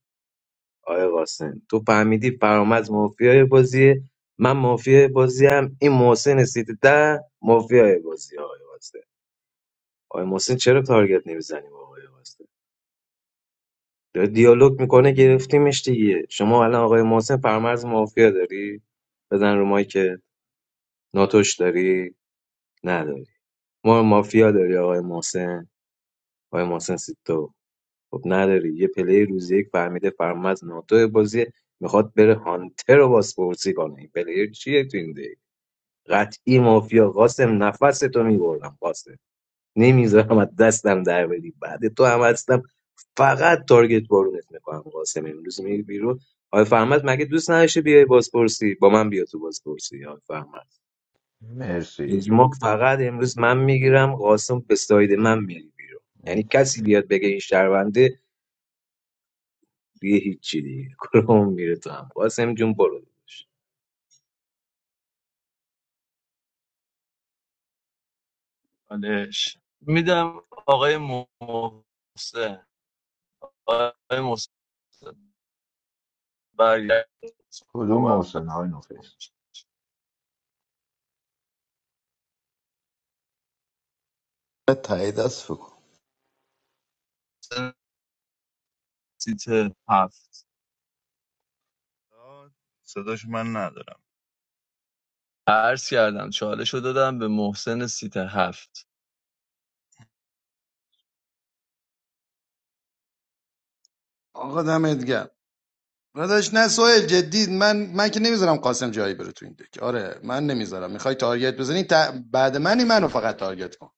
[SPEAKER 15] آقای قاسم تو فهمیدی فرامز مافیای بازیه من مافیای بازیم این محسن سیت ده مافیای بازیه آقای قاسم آقای محسن چرا تارگت نمیزنیم آقای واسطه داره دیالوگ میکنه گرفتیمش دیگه شما الان آقای محسن پرمرز مافیا داری بزن رو مایی که ناتوش داری نداری ما مافیا داری آقای محسن آقای محسن سیتو خب نداری یه پلی روزی یک فهمیده پرمرز ناتو بازی میخواد بره هانتر رو بازپرسی کنه این پلیر چیه تو این دیگه قطعی مافیا قاسم نفس تو میبردم قاسم نمیذارم از دستم در بدی بعد تو هم فقط تارگت بارونت میکنم قاسم امروز میری بیرون آقای فرمد مگه دوست نداشته بیای بازپرسی با من بیا تو بازپرسی آقای فرمد
[SPEAKER 13] مرسی
[SPEAKER 15] اجماع فقط امروز من میگیرم قاسم به ساید من میری بیرون یعنی کسی بیاد بگه این شهرونده دیگه هیچی دیگه *laughs* کلهم میره تو هم قاسم جون برو
[SPEAKER 4] حالش میدم آقای محسن آقای محسن برگرد
[SPEAKER 13] کدوم
[SPEAKER 4] صحبت
[SPEAKER 13] محسن های نوفیس
[SPEAKER 11] تایید دست بکن
[SPEAKER 4] سیت هفت
[SPEAKER 10] صداش من ندارم
[SPEAKER 4] عرض کردم چالش رو دادم به محسن سیت هفت
[SPEAKER 16] آقا دمت گرم داداش نه سوهل جدی من من که نمیذارم قاسم جایی بره تو این دک آره من نمیذارم میخوای تارگت بزنی تا- بعد منی منو فقط تارگت کن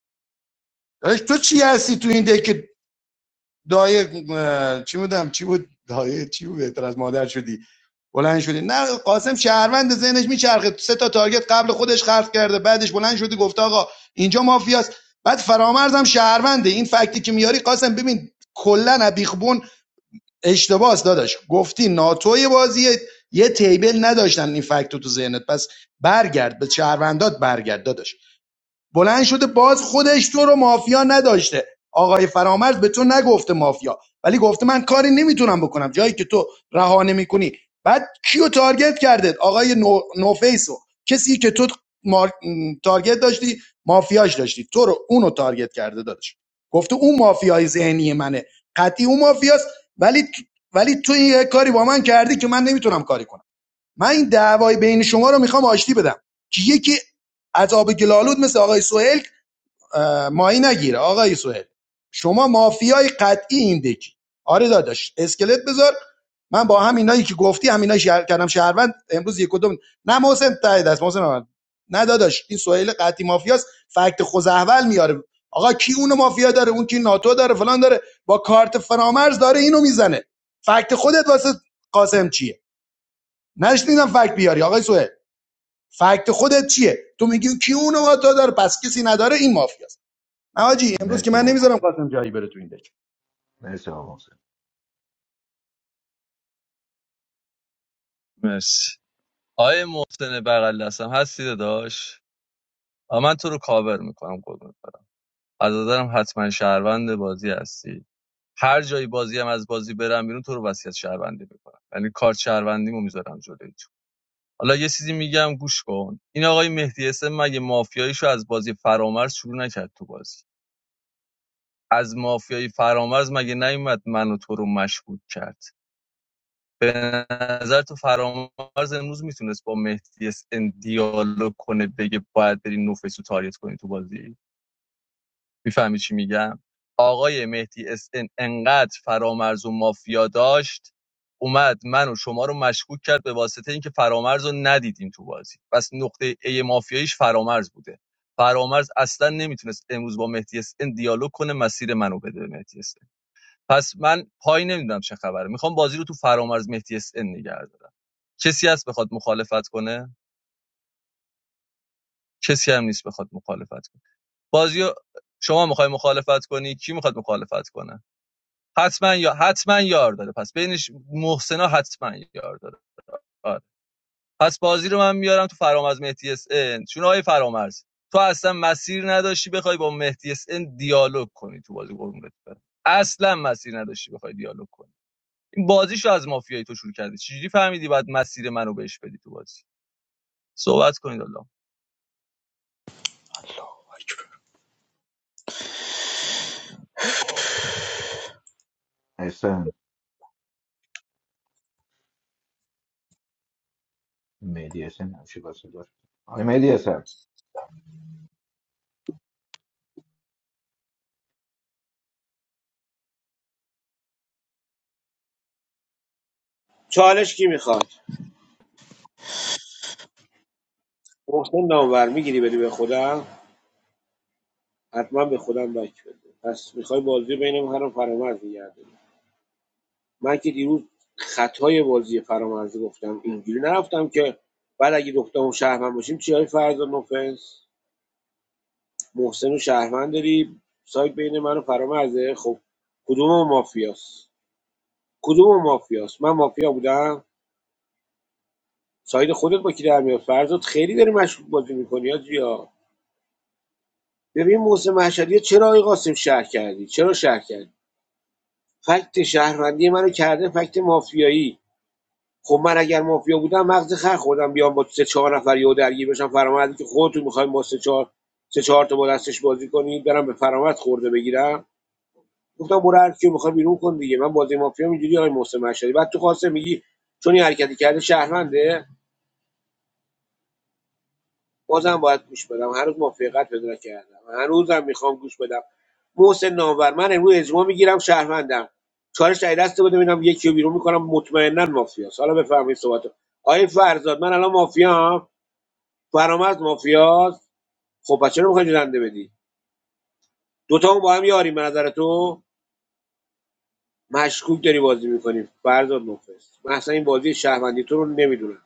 [SPEAKER 16] داداش تو چی هستی تو این دک که دایه اه، چی بودم چی بود دایه چی بود بهتر از مادر شدی بلند شدی نه قاسم شهروند ذهنش میچرخه سه تا تارگت قبل خودش خرف کرده بعدش بلند شدی گفته آقا اینجا مافیاست بعد فرامرزم شهرونده این فکتی که میاری قاسم ببین کلا بیخبون اشتباس داداش گفتی ناتوی بازیه یه تیبل نداشتن این فکت تو ذهنت پس برگرد به شهروندات برگرد داداش بلند شده باز خودش تو رو مافیا نداشته آقای فرامرز به تو نگفته مافیا ولی گفته من کاری نمیتونم بکنم جایی که تو رها نمیکنی بعد کیو تارگت کرده آقای نو... نوفیسو کسی که تو مار... تارگت داشتی مافیاش داشتی تو رو اونو تارگت کرده دادش گفته اون مافیای ذهنی منه قطعی اون مافیاست ولی تو... ولی تو یه کاری با من کردی که من نمیتونم کاری کنم من این دعوای بین شما رو میخوام آشتی بدم که یکی از آب گلالود مثل آقای سوهل اه، ماهی نگیره آقای سوهل شما مافیای قطعی این دکی آره داداش اسکلت بذار من با هم اینایی که گفتی هم شهر کردم شهروند امروز یک کدوم نه محسن ته دست محسن من نه داداش این سوهل قطعی مافیاست فکت خوزهول میاره آقا کی اونو مافیا داره اون کی ناتو داره فلان داره با کارت فرامرز داره اینو میزنه فکت خودت واسه قاسم چیه نشنیدم فکت بیاری آقای سوهل فکت خودت چیه تو میگی کیونه و تا داره پس کسی نداره این مافیاست نه امروز که
[SPEAKER 13] مرسی
[SPEAKER 16] من
[SPEAKER 13] با
[SPEAKER 16] نمیذارم
[SPEAKER 13] محسن
[SPEAKER 16] خان جایی بره تو این دک
[SPEAKER 13] مرسی با محسن
[SPEAKER 4] مرسی آقای محسن بغل دستم هستی داداش آ، من تو رو کاور میکنم قربونت. از نظرم حتما شهروند بازی هستی هر جایی بازی هم از بازی برم بیرون تو رو وصیت شهروندی میکنم یعنی کارت شهروندیمو میذارم جلوی تو حالا یه چیزی میگم گوش کن این آقای مهدی اسم مگه مافیاییشو از بازی فرامرز شروع نکرد تو بازی از مافیایی فرامرز مگه نیومد منو تو رو مشکوک کرد به نظر تو فرامرز امروز میتونست با مهدی اس ان دیالوگ کنه بگه باید بری نوفیس رو تاریت کنی تو بازی میفهمی چی میگم آقای مهدی اس ان انقدر فرامرز و مافیا داشت اومد من و شما رو مشکوک کرد به واسطه اینکه فرامرز رو ندیدیم تو بازی پس نقطه ای مافیاییش فرامرز بوده فرامرز اصلا نمیتونست امروز با مهدی اس ان دیالوگ کنه مسیر منو بده به مهدی اس ان. پس من پای نمیدونم چه خبره میخوام بازی رو تو فرامرز مهدی اس ان نگه دارم کسی هست بخواد مخالفت کنه کسی هم نیست بخواد مخالفت کنه بازی شما میخوای مخالفت کنی کی میخواد مخالفت کنه حتما یا حتما یار داره پس بینش محسنا حتما یار داره آره. پس بازی رو من میارم تو فرامرز مهدی اس ان چون آقای فرامرز تو اصلا مسیر نداشتی بخوای با مهدی اس ان دیالوگ کنی تو بازی قربونت برم اصلا مسیر نداشتی بخوای دیالوگ کنی این بازیشو از مافیای تو شروع کردی چجوری فهمیدی بعد مسیر منو بهش بدی تو بازی صحبت کنید الله
[SPEAKER 11] الله.
[SPEAKER 13] احسن مهدی احسن همیشه با صدا شد. آقای مهدی احسن
[SPEAKER 5] چالش کی میخواد محسن نامور میگیری بدی به خودم حتما به خودم بک بده پس میخوای بازی بین من و فرامرز بگردی من که دیروز خطای بازی فرامرز گفتم اینجوری نرفتم که بعد اگه دختمون شهروند باشیم چی های فرض نفس محسن و شهروند داری سایت بین من و فرامرزه خب کدوم مافیاست کدوم مافیاست من مافیا بودم ساید خودت با کی در میاد فرزاد خیلی داری مشکوک بازی میکنی یا ببین محسن مشهدی چرا آقای قاسم شهر کردی چرا شهر کردی فکت شهروندی منو کرده فکت مافیایی خب من اگر مافیا بودم مغز خر خوردم بیام با سه چهار نفر یهو درگیر بشم فرامردی که خودتون میخوایم با سه چهار سه چهار تا با دستش بازی کنید برم به فرامرد خورده بگیرم گفتم برو هر کیو میخوای بیرون کن دیگه من بازی مافیا اینجوری آقای محسن مشهدی بعد تو قاسم میگی چون این حرکتی کرده شهرونده بازم باید گوش بدم هنوز موافقت پیدا کردم هنوزم میخوام گوش بدم محسن نامور من امروز اجماع میگیرم شهروندم چالش در دست بده ببینم یکی رو بیرون میکنم مطمئنا مافیاست حالا بفرمایید صحبت آقای فرزاد من الان مافیام فرامرز مافیاست خب پس چرا میخوای جنده بدی دوتا هم با هم یاریم به نظر تو مشکوک داری بازی میکنیم فرزاد مفلس من اصلا این بازی شهروندی تو رو نمیدونم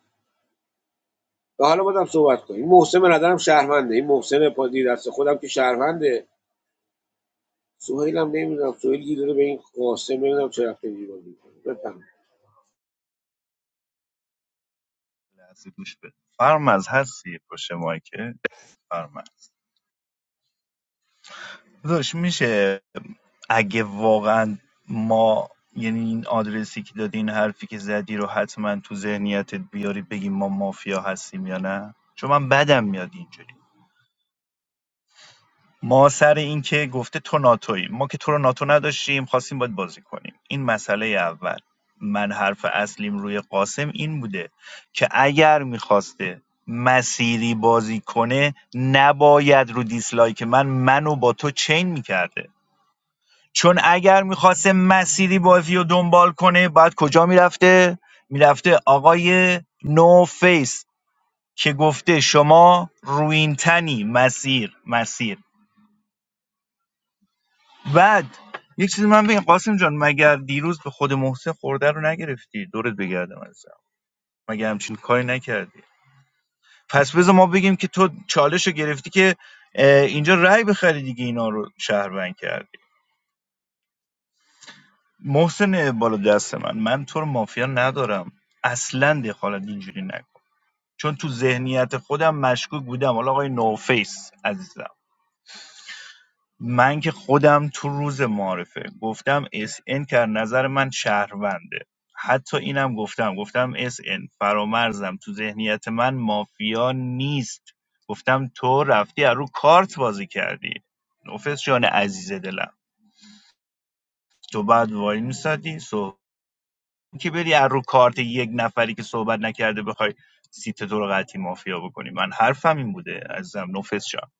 [SPEAKER 5] و حالا بازم صحبت کنیم این محسن به نظرم شهرونده این محسن پادی دست خودم که شهرونده سوهیل هم نمیدونم سوهیل گیر داره به این قاسم نمیدونم چه رفته ایران میکنه بفهم
[SPEAKER 10] لحظه گوش بده فرمز هستی پشت مایکه فرمز داداش میشه اگه واقعا ما یعنی این آدرسی که دادی این حرفی که زدی رو حتما تو ذهنیتت بیاری بگیم ما مافیا هستیم یا نه چون من بدم میاد اینجوری ما سر این که گفته تو ناتویی ما که تو رو ناتو نداشتیم خواستیم باید بازی کنیم این مسئله اول من حرف اصلیم روی قاسم این بوده که اگر میخواسته مسیری بازی کنه نباید رو دیسلایک من منو با تو چین میکرده چون اگر میخواسته مسیری بازی رو دنبال کنه باید کجا میرفته؟ میرفته آقای نو فیس که گفته شما روینتنی مسیر مسیر بعد یک چیزی من بگم قاسم جان مگر دیروز به خود محسن خورده رو نگرفتی دورت بگردم ازم مگر همچین کاری نکردی پس بذار ما بگیم که تو چالش رو گرفتی که اه، اینجا رای بخری دیگه اینا رو شهروند کرد محسن بالا دست من من تو رو مافیا ندارم اصلا دخالت اینجوری نکن چون تو ذهنیت خودم مشکوک بودم حالا آقای نوفیس عزیزم من که خودم تو روز معارفه گفتم اس ان که از نظر من شهرونده حتی اینم گفتم گفتم اس ان فرامرزم تو ذهنیت من مافیا نیست گفتم تو رفتی از رو کارت بازی کردی نوفیس جان عزیز دلم تو بعد وای میسادی که بری از رو کارت یک نفری که صحبت نکرده بخوای سیت تو رو قطعی مافیا بکنی من حرفم این بوده عزیزم نفس شم.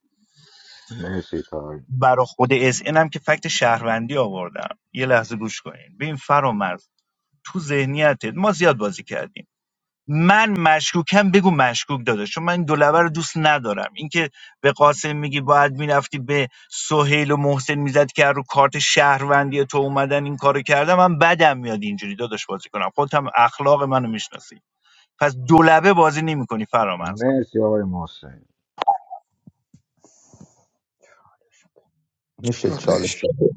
[SPEAKER 13] مرسی تا آقای
[SPEAKER 10] برای خود اس ان هم که فکت شهروندی آوردم یه لحظه گوش کنین ببین فرامرز تو ذهنیتت ما زیاد بازی کردیم من مشکوکم بگو مشکوک داده چون من این دولبه رو دوست ندارم اینکه به قاسم میگی باید میرفتی به سهیل و محسن میزد که رو کارت شهروندی تو اومدن این کارو کردم من بدم میاد اینجوری داداش بازی کنم خودت هم اخلاق منو میشناسی پس دولبه بازی نمیکنی فرامرزا
[SPEAKER 13] مرسی آقای محسن
[SPEAKER 11] میشه
[SPEAKER 9] چالش
[SPEAKER 11] چالش رو بده؟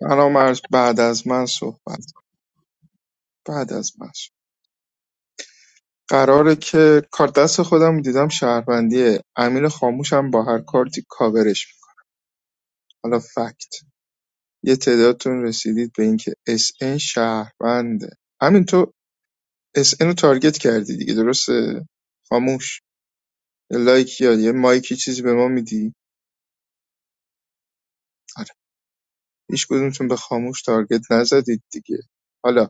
[SPEAKER 9] فرامرز بعد از من صحبت بعد از من صحبت. قراره که کار دست خودم دیدم شهروندیه امیر خاموشم با هر کارتی کاورش می‌کنه. حالا فکت یه تعدادتون رسیدید به اینکه اس ان شهرونده همین تو اس ان رو تارگت کردی دیگه درسته خاموش یه لایک یا یه مایکی چیزی به ما میدی آره هیچ کدومتون به خاموش تارگت نزدید دیگه حالا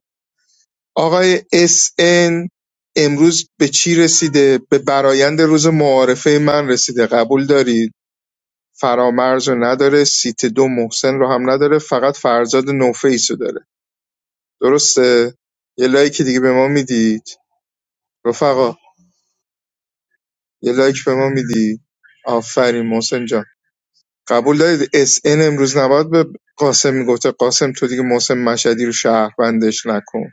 [SPEAKER 9] آقای SN امروز به چی رسیده؟ به برایند روز معارفه من رسیده قبول دارید؟ فرامرز رو نداره سیت دو محسن رو هم نداره فقط فرزاد نوفیس رو داره درسته؟ یه لایک دیگه به ما میدید رفقا یه لایک به ما میدید آفرین محسن جان قبول دارید SN امروز نباید به قاسم میگفته قاسم تو دیگه محسن مشهدی رو شهروندش نکن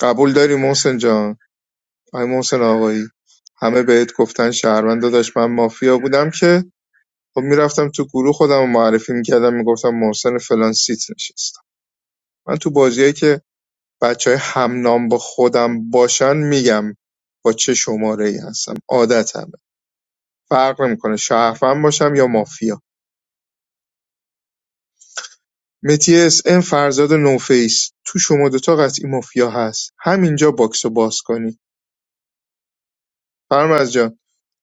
[SPEAKER 9] قبول داری محسن جان آقای محسن آقایی همه بهت گفتن شهروند داداش من مافیا بودم که خب میرفتم تو گروه خودم رو معرفی میکردم میگفتم محسن فلان سیت نشستم من تو بازیایی که بچه های همنام با خودم باشن میگم با چه شماره ای هستم عادتمه فرق نمیکنه شهروند باشم یا مافیا متی اس ام فرزاد نوفیس تو شما دوتا قطعی مافیا هست همینجا باکس رو باز کنی فرمز جان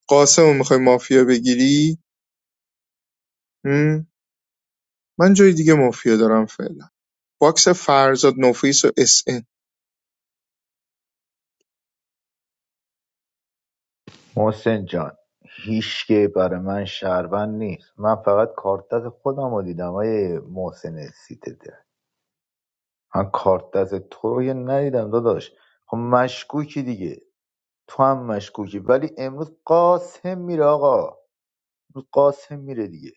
[SPEAKER 9] قاسم رو میخوای مافیا بگیری من جای دیگه مافیا دارم فعلا باکس فرزاد نفیس و اس ان
[SPEAKER 11] محسن جان هیچ که برای من شهروند نیست من فقط کارت دست خودم رو دیدم های محسن سیتده من کارت دست تو رو یه ندیدم داداش خب مشکوکی دیگه تو هم مشکوکی ولی امروز قاسم میره آقا امروز قاسم میره دیگه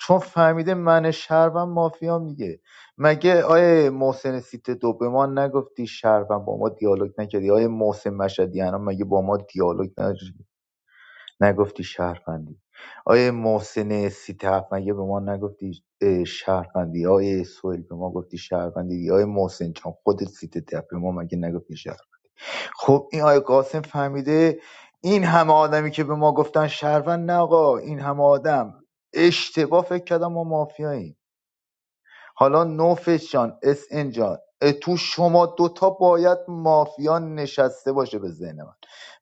[SPEAKER 11] چون فهمیده من شهروند مافیام دیگه مگه آیه محسن سیت دو به ما نگفتی شهروند با ما دیالوگ نکردی آیه محسن مشهدی مگه با ما دیالوگ نداری؟ نگفتی شهروندی آیه محسن سیت هفت مگه به ما نگفتی اه، شهروندی آیه سوئیل به ما گفتی شهروندی آیه محسن چون خودت سیت ده به ما مگه نگفتی شهروندی خب این آقای قاسم فهمیده این همه آدمی که به ما گفتن شهروند نه آقا این همه آدم اشتباه فکر کردم ما مافیاییم حالا نوفش جان اس ان جان اه، تو شما دوتا باید مافیا نشسته باشه به ذهن من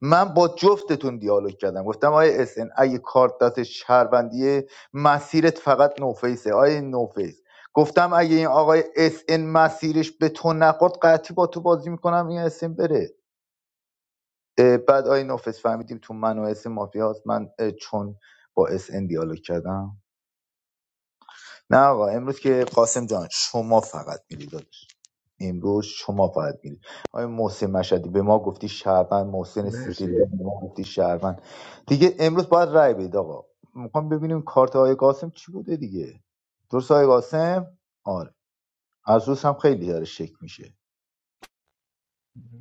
[SPEAKER 11] من با جفتتون دیالوگ کردم گفتم آیه اس ان اگه کارت دست شهروندیه مسیرت فقط نوفیسه آیه نوفیس گفتم اگه این آقای اس ان مسیرش به تو نخورد قطعی با تو بازی میکنم این اس ان بره اه، بعد آی نافس فهمیدیم تو من و اسم مافیا هست من اه، چون با اس ان دیالوگ کردم نه آقا امروز که قاسم جان شما فقط میری دادش امروز شما فقط میری آی محسن مشهدی به ما گفتی شهروند محسن سیتی
[SPEAKER 13] مرسی
[SPEAKER 11] به ما گفتی شهروند دیگه امروز باید رای بدید آقا میخوام ببینیم کارت آی قاسم چی بوده دیگه درست آی قاسم آره از روز هم خیلی داره شک میشه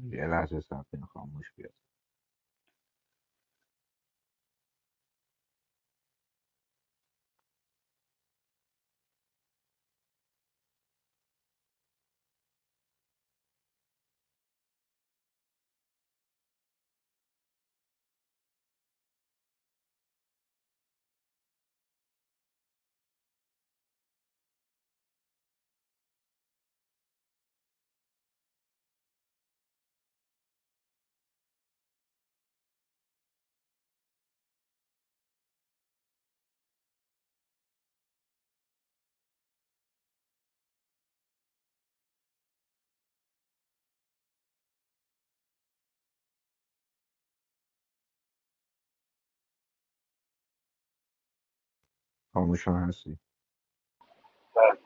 [SPEAKER 13] یه لحظه صرف خاموش بیاد خاموش هم هستی
[SPEAKER 1] دارم.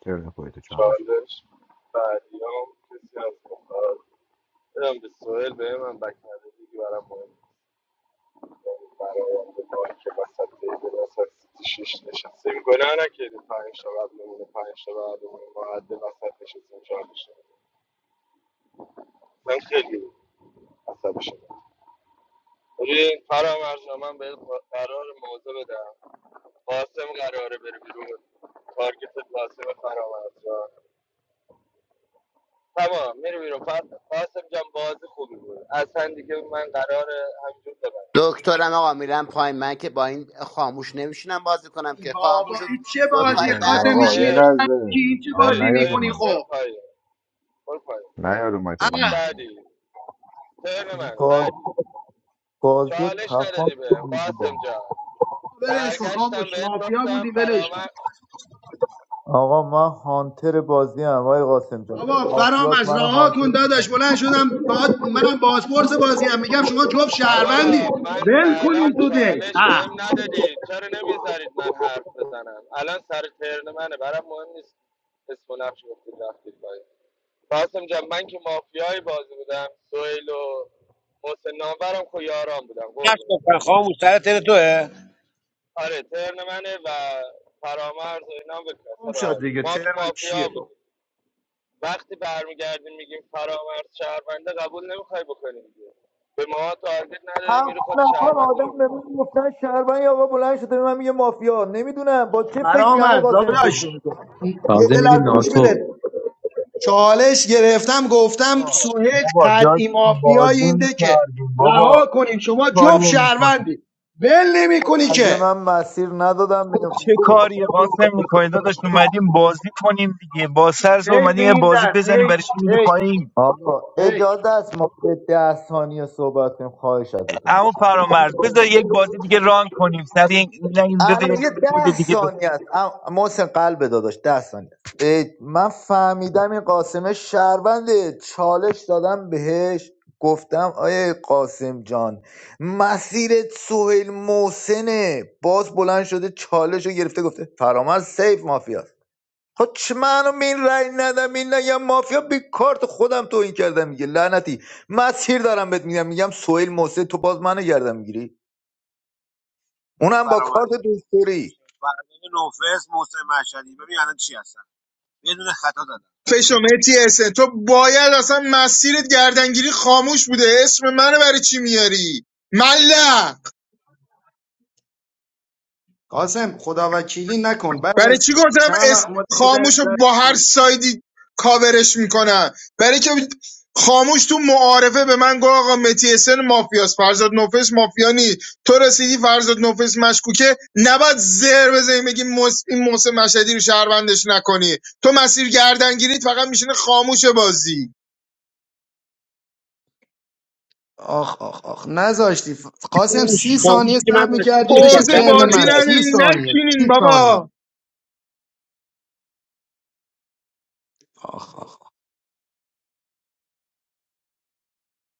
[SPEAKER 13] ترن خودتو چالش بیاد
[SPEAKER 1] چالش بعدی هم کسی از مختار بدم به سوهل به من بکنه دیگه برام مهم برآینده که وسط تیبل وسط شیش نشستیم گناه نکردیم پنج تا قبلمون پنج تا بعدمون معدل وسط نشستیم چهارش من خیلی عصبی شدم ببین فرام ارجان من به قرار موضوع بدم قاسم قراره بره بیرون تارگت قاسم فرام ارجان تمام میره بیرون قاسم جان بازی خوبی بود اصلا دیگه من قرار همینجور ببندم
[SPEAKER 14] دکترم آقا میرم پای من که با این خاموش نمیشینم بازی کنم که خاموش
[SPEAKER 16] بابا این چه
[SPEAKER 14] دو
[SPEAKER 13] یه
[SPEAKER 16] بازی
[SPEAKER 14] تای
[SPEAKER 13] لحظه
[SPEAKER 14] بعد
[SPEAKER 16] قاسم
[SPEAKER 14] من
[SPEAKER 13] آقا یه
[SPEAKER 16] میشینی تو
[SPEAKER 1] مرسی
[SPEAKER 13] لحظه
[SPEAKER 16] چه
[SPEAKER 13] آقا
[SPEAKER 16] بازی
[SPEAKER 1] برید
[SPEAKER 13] نیاد
[SPEAKER 1] برید
[SPEAKER 16] میکنی
[SPEAKER 13] اومد
[SPEAKER 1] بخور
[SPEAKER 16] خب
[SPEAKER 1] پایین برو پایین
[SPEAKER 13] نیاد اومد
[SPEAKER 16] اه،
[SPEAKER 13] آقای محسن
[SPEAKER 1] بعدی ترن من
[SPEAKER 11] باز
[SPEAKER 1] بعدی
[SPEAKER 11] بازی و
[SPEAKER 1] چالش ندادی به
[SPEAKER 11] تپان
[SPEAKER 1] قاسم جان
[SPEAKER 16] ولش کن خاموش
[SPEAKER 1] برگشتم بهت
[SPEAKER 16] مافیا
[SPEAKER 1] گفتم
[SPEAKER 16] بودی ولش کن
[SPEAKER 1] فرامن
[SPEAKER 11] آقا من هانتر بازی هم آقای قاسم جان
[SPEAKER 16] بابا فرام
[SPEAKER 11] مافیات
[SPEAKER 16] از
[SPEAKER 11] من
[SPEAKER 16] راه
[SPEAKER 11] هانتر
[SPEAKER 16] کن داداش بلند شدم باهات منم بازپرس بازی هم میگم شما جوب
[SPEAKER 1] آقا
[SPEAKER 16] شهروندی
[SPEAKER 1] من تا
[SPEAKER 16] ول
[SPEAKER 1] الان
[SPEAKER 16] کنین تو دک
[SPEAKER 1] چالش
[SPEAKER 16] اه.
[SPEAKER 1] بهم ندادی چرا نمیذارید من حرف بزنم الان سر ترن منه برام مهم نیست اسم و نقش گفتید رفتید پایین قاسم جان من که مافیای بازی بودم سویل و محسن نامورم که یاران بودم
[SPEAKER 5] نقش
[SPEAKER 1] قربونت
[SPEAKER 5] گفتن
[SPEAKER 1] برم
[SPEAKER 5] خاموش سر تل توه
[SPEAKER 1] آره ترن منه و فرامرز و اینا هم به
[SPEAKER 16] گم
[SPEAKER 1] کسا
[SPEAKER 16] شد دیگه
[SPEAKER 1] ما که
[SPEAKER 16] ترم چیه
[SPEAKER 1] مافیا بودیم
[SPEAKER 16] بابا
[SPEAKER 1] وقتی برمیگردیم میگیم فرامرز شهرونده قبول نمیخوای بکنیم دیگه به ما تارگت نداری
[SPEAKER 11] هفت
[SPEAKER 1] میری خود
[SPEAKER 11] نفر
[SPEAKER 1] شهرونده رو
[SPEAKER 11] آدم به من
[SPEAKER 1] میزنی
[SPEAKER 11] گفتن شهربانی آقا بلند شده به من میگه مافیا نمیدونم با چه فکری
[SPEAKER 16] فرام
[SPEAKER 11] همون
[SPEAKER 16] از
[SPEAKER 11] قاسم این فکر
[SPEAKER 16] داداش
[SPEAKER 11] میکنه
[SPEAKER 16] یه
[SPEAKER 15] تازه میگه
[SPEAKER 16] لحظه گوش بده
[SPEAKER 15] ناتو
[SPEAKER 16] چالش گرفتم
[SPEAKER 10] آه،
[SPEAKER 16] گفتم سوهج
[SPEAKER 10] بابا
[SPEAKER 16] قطعی
[SPEAKER 10] داشتیم
[SPEAKER 16] مافیای
[SPEAKER 10] بازی
[SPEAKER 16] این دکه
[SPEAKER 10] میکردیم بابا
[SPEAKER 16] رها کنین
[SPEAKER 10] چه
[SPEAKER 16] شما جوب
[SPEAKER 10] کاریه میکنیم
[SPEAKER 16] شهروندی بل نمی کنی
[SPEAKER 11] اگه
[SPEAKER 16] که
[SPEAKER 11] من مسیر ندادم بینم
[SPEAKER 10] چه کاری قاسم میکنی داداش اومدیم بازی کنیم دیگه با سرس
[SPEAKER 16] حیف
[SPEAKER 10] اومدیم یه
[SPEAKER 16] این
[SPEAKER 10] بازی
[SPEAKER 16] دست
[SPEAKER 10] بزنیم
[SPEAKER 16] حیف
[SPEAKER 10] برای چی میدی
[SPEAKER 16] حیف
[SPEAKER 10] پایین
[SPEAKER 11] آقا
[SPEAKER 16] حیف
[SPEAKER 11] اجازه است ما به ده ثانیه صحبت کنیم خواهش ازتون
[SPEAKER 10] اما فرامرز بذار یک بازی دیگه ران کنیم سری یک نگیم بذار یک
[SPEAKER 11] الان یه
[SPEAKER 10] کد
[SPEAKER 11] ده
[SPEAKER 10] دیگه ب...
[SPEAKER 11] ثانیه است ام- محسن قلب داداش ده ثانیه است اه، من فهمیدم این قاسم شهرونده چالش دادم بهش گفتم آیه قاسم جان مسیرت سهیل محسنه باز بلند شده چالش رو گرفته گفته فرامرز سیف مافیاست خب چه منو به این رأی ندم این نگم مافیا بی کارت خودم تو این کردم میگه لعنتی مسیر دارم بهت میگم میگم سهیل محسن تو باز منو گردم میگیری
[SPEAKER 5] آیه
[SPEAKER 11] اونم با
[SPEAKER 5] فرامرز
[SPEAKER 11] کارت دوستوری
[SPEAKER 5] فرزند نوفس محسن مشهدی ببین الان چی هستن یه دونه خطا دادن
[SPEAKER 9] فشومتی اس ان تو باید اصلا مسیرت گردنگیری خاموش بوده اسم منو برای چی میاری مله
[SPEAKER 16] قاسم خدا وکیلی نکن بعد
[SPEAKER 9] برای
[SPEAKER 16] از
[SPEAKER 9] چی گفتم
[SPEAKER 16] چند
[SPEAKER 9] اس
[SPEAKER 16] وقت ما در-
[SPEAKER 9] خاموش رو با هر سایدی کاورش میکنن برای که خاموش تو معارفه به من گفت آقا متی اسن مافیاس فرزاد نوفس مافیانی نی تو رسیدی فرزاد نوفس مشکوکه نباید زهر بزنی بگی مس... این موسم مشهدی رو شهروندش نکنی تو مسیر گردنگیریت فقط میشینه خاموش بازی
[SPEAKER 16] آخ آخ آخ نذاشتی قاسم سی ثانیه
[SPEAKER 5] خاموشی که من
[SPEAKER 16] صبر
[SPEAKER 5] مشهد
[SPEAKER 16] میکردی
[SPEAKER 5] داشتم
[SPEAKER 16] بشه
[SPEAKER 9] ارزه
[SPEAKER 5] کم
[SPEAKER 16] ترن
[SPEAKER 5] کم
[SPEAKER 9] بازی
[SPEAKER 16] من سی
[SPEAKER 9] نداری
[SPEAKER 16] ثانیه
[SPEAKER 9] نچینین
[SPEAKER 16] سی ثانیه
[SPEAKER 9] بابا
[SPEAKER 16] آخ آخ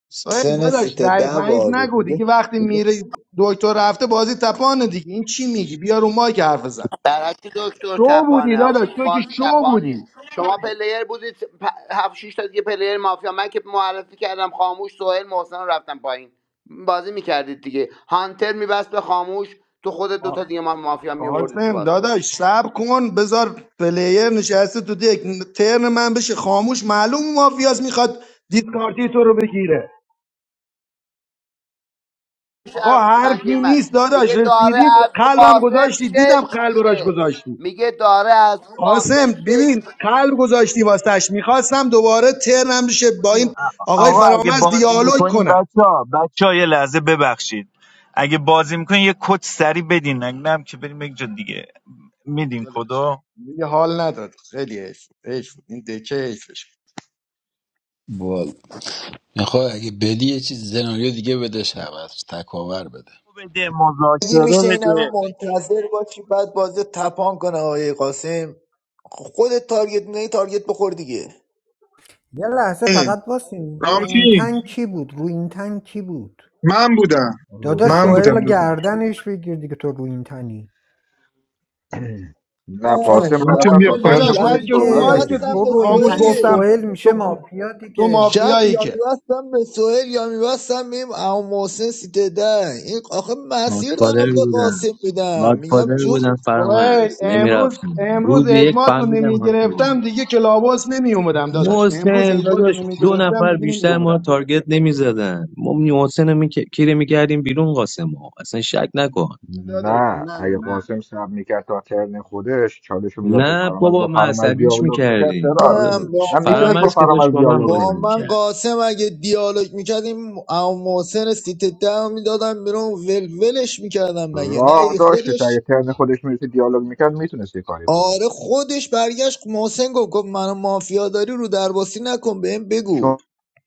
[SPEAKER 16] سوهج
[SPEAKER 11] سن
[SPEAKER 16] داداش
[SPEAKER 11] سیت ده
[SPEAKER 16] ضعیف ضعیف
[SPEAKER 11] بار بود
[SPEAKER 16] نگو
[SPEAKER 11] دیگه
[SPEAKER 16] دیگه وقتی میره دکتر رفته بازی تپانه دیگه این چی میگی بیا رو مایک حرف بزن
[SPEAKER 14] برعکس دکتر
[SPEAKER 16] شو بودی
[SPEAKER 14] تپانه آقا
[SPEAKER 16] داداش تو که
[SPEAKER 14] باز
[SPEAKER 16] شو بودی
[SPEAKER 14] تپانه شما پلیر بودید پ- هفت شیش تا دیگه پلیر مافیا من که معرفی کردم خاموش سوهل محسن رو رفتم پایین بازی میکردید دیگه هانتر میبست به خاموش تو خود
[SPEAKER 16] آ-
[SPEAKER 14] دوتا دیگه ما مافیا میوردید تو
[SPEAKER 16] قاسم داداش
[SPEAKER 14] بازپرسی
[SPEAKER 16] صبر کن بذار پلیر نشسته تو دک ترن من بشه خاموش معلوم مافیاس میخواد دیسکارتی تو رو بگیره آقا
[SPEAKER 14] شهروندی
[SPEAKER 16] حرفی
[SPEAKER 14] من
[SPEAKER 16] نیست داداش
[SPEAKER 14] میگه داره
[SPEAKER 16] رسیدی
[SPEAKER 14] از رو
[SPEAKER 16] قلبم
[SPEAKER 14] قاسم
[SPEAKER 16] گذاشتی دیدم
[SPEAKER 14] شیک
[SPEAKER 16] قلب راش
[SPEAKER 14] میشه
[SPEAKER 16] گذاشتی
[SPEAKER 14] میگه داره از رو قاسم
[SPEAKER 16] قاسم
[SPEAKER 14] شیک
[SPEAKER 16] ببین
[SPEAKER 14] میشه
[SPEAKER 16] قلب گذاشتی واسش میخواستم دوباره ترنم بشه
[SPEAKER 10] کد-
[SPEAKER 16] با این آقای
[SPEAKER 10] آقا اگه
[SPEAKER 16] فرامرز
[SPEAKER 10] بازی
[SPEAKER 16] دیالوگ
[SPEAKER 10] میکنیم
[SPEAKER 16] کنم
[SPEAKER 10] بچه ها بچه ها یه لحظه ببخشید اگه بازی میکنیم یه کد سری بدین اگه نه هم که بریم یک جا دیگه میدین
[SPEAKER 16] ولی
[SPEAKER 10] کدو
[SPEAKER 16] دیگه حال نداد خیلی حیف بود. حیف بود. این دکه حیفش بود.
[SPEAKER 6] میکنم میخوای اگه بدی یه چیز سناریو دیگه بدش عوض تکاور بده
[SPEAKER 10] بده
[SPEAKER 11] اگه
[SPEAKER 10] مذاکره
[SPEAKER 11] میشه این
[SPEAKER 10] بده
[SPEAKER 11] همه منتظر باشی بعد بازی رو تپان کنه آقای قاسم خود تارگت نه تارگت بخور دیگه
[SPEAKER 2] یه لحظه
[SPEAKER 9] اه،
[SPEAKER 2] فقط واسین رو این
[SPEAKER 9] رامتین
[SPEAKER 2] تن کی بود رو این تن کی بود
[SPEAKER 9] من بودم
[SPEAKER 13] این
[SPEAKER 2] داداش
[SPEAKER 13] تن
[SPEAKER 9] من بودم
[SPEAKER 2] سوهل
[SPEAKER 13] محسن
[SPEAKER 9] دوست
[SPEAKER 2] گردنش
[SPEAKER 13] نشدید
[SPEAKER 2] بگیر دیگه تو رو این تنی
[SPEAKER 13] *clears throat* نه
[SPEAKER 2] چون
[SPEAKER 13] قاسم باید
[SPEAKER 11] شب
[SPEAKER 9] رامتین
[SPEAKER 13] اصلا
[SPEAKER 9] بیا
[SPEAKER 13] تا
[SPEAKER 16] ولی
[SPEAKER 9] پایین
[SPEAKER 2] آه،
[SPEAKER 13] ترن
[SPEAKER 16] داداش
[SPEAKER 2] نه
[SPEAKER 11] شب
[SPEAKER 13] خودش
[SPEAKER 16] من که
[SPEAKER 11] که
[SPEAKER 16] رو
[SPEAKER 13] صحبت
[SPEAKER 16] مایی
[SPEAKER 2] دیگه
[SPEAKER 16] که
[SPEAKER 13] میشه
[SPEAKER 11] میبستم
[SPEAKER 2] تو
[SPEAKER 11] به
[SPEAKER 2] رو این
[SPEAKER 16] خاموش
[SPEAKER 11] سوهل
[SPEAKER 2] تنی
[SPEAKER 16] گفتم
[SPEAKER 2] سوهل میشه
[SPEAKER 16] تو
[SPEAKER 2] مافیا
[SPEAKER 16] تو
[SPEAKER 2] دیگه
[SPEAKER 11] شب
[SPEAKER 16] مافیایی
[SPEAKER 11] یا
[SPEAKER 16] که
[SPEAKER 11] میبستم به سوهل یا میبستم به این اما محسن سیت ده این آخه مسیر
[SPEAKER 15] ناتفادر
[SPEAKER 11] دارم به
[SPEAKER 15] بودن
[SPEAKER 11] قاسم میدم میگم
[SPEAKER 15] ناتفادر
[SPEAKER 11] جفت
[SPEAKER 15] بودن
[SPEAKER 16] ویل
[SPEAKER 15] فرامرز
[SPEAKER 16] امروز
[SPEAKER 15] نمیرفتم
[SPEAKER 16] امروز
[SPEAKER 15] روز یک
[SPEAKER 16] اجماعتون نمی
[SPEAKER 15] فهمیدم
[SPEAKER 16] گرفتم دیگه کلاباس نمی اومدم داداش امروز
[SPEAKER 15] محسن
[SPEAKER 16] اجماعتون
[SPEAKER 15] داداش
[SPEAKER 16] نمی
[SPEAKER 15] دو
[SPEAKER 16] گرفتم
[SPEAKER 15] نفر
[SPEAKER 16] دیگه نمی
[SPEAKER 15] بیشتر ما رو
[SPEAKER 16] اومدم کلاباس
[SPEAKER 15] تارگت نمی زدن ما محسن رو می... کیره می کردیم بیرون قاسم ها اصلا شک نکن
[SPEAKER 16] داداش
[SPEAKER 13] نه
[SPEAKER 16] نه
[SPEAKER 13] اگه
[SPEAKER 16] نه نه
[SPEAKER 13] قاسم صبر میکرد تا ترن خودش چالش رو میداد به
[SPEAKER 15] نه
[SPEAKER 13] فرامرز
[SPEAKER 15] بابا
[SPEAKER 13] با
[SPEAKER 15] ما
[SPEAKER 13] فرامرز
[SPEAKER 15] عصبیش می
[SPEAKER 13] دیالوگ میکرد
[SPEAKER 15] کردیم
[SPEAKER 13] چرا
[SPEAKER 11] هم با
[SPEAKER 13] هم
[SPEAKER 11] من
[SPEAKER 13] میتونست با
[SPEAKER 15] فرامرز که داشت
[SPEAKER 13] فرامرز
[SPEAKER 15] با من
[SPEAKER 13] دیالوگ
[SPEAKER 15] بازی
[SPEAKER 11] با
[SPEAKER 13] کنه
[SPEAKER 15] می
[SPEAKER 11] من
[SPEAKER 15] کرد
[SPEAKER 11] قاسم اگه دیالوگ میکردیم اما محسن سیت ده میدادم بیرون ولولش میکردم مگه نه
[SPEAKER 13] راه
[SPEAKER 11] ای
[SPEAKER 13] داشتش
[SPEAKER 11] خودش
[SPEAKER 13] اگه ترن خودش میرسه دیالوگ میکرد میتونست یه کاری کنه
[SPEAKER 11] آره خودش برگشت محسن گفت گفت منو مافیا داری رو درباسی نکن بهم بگو
[SPEAKER 13] چون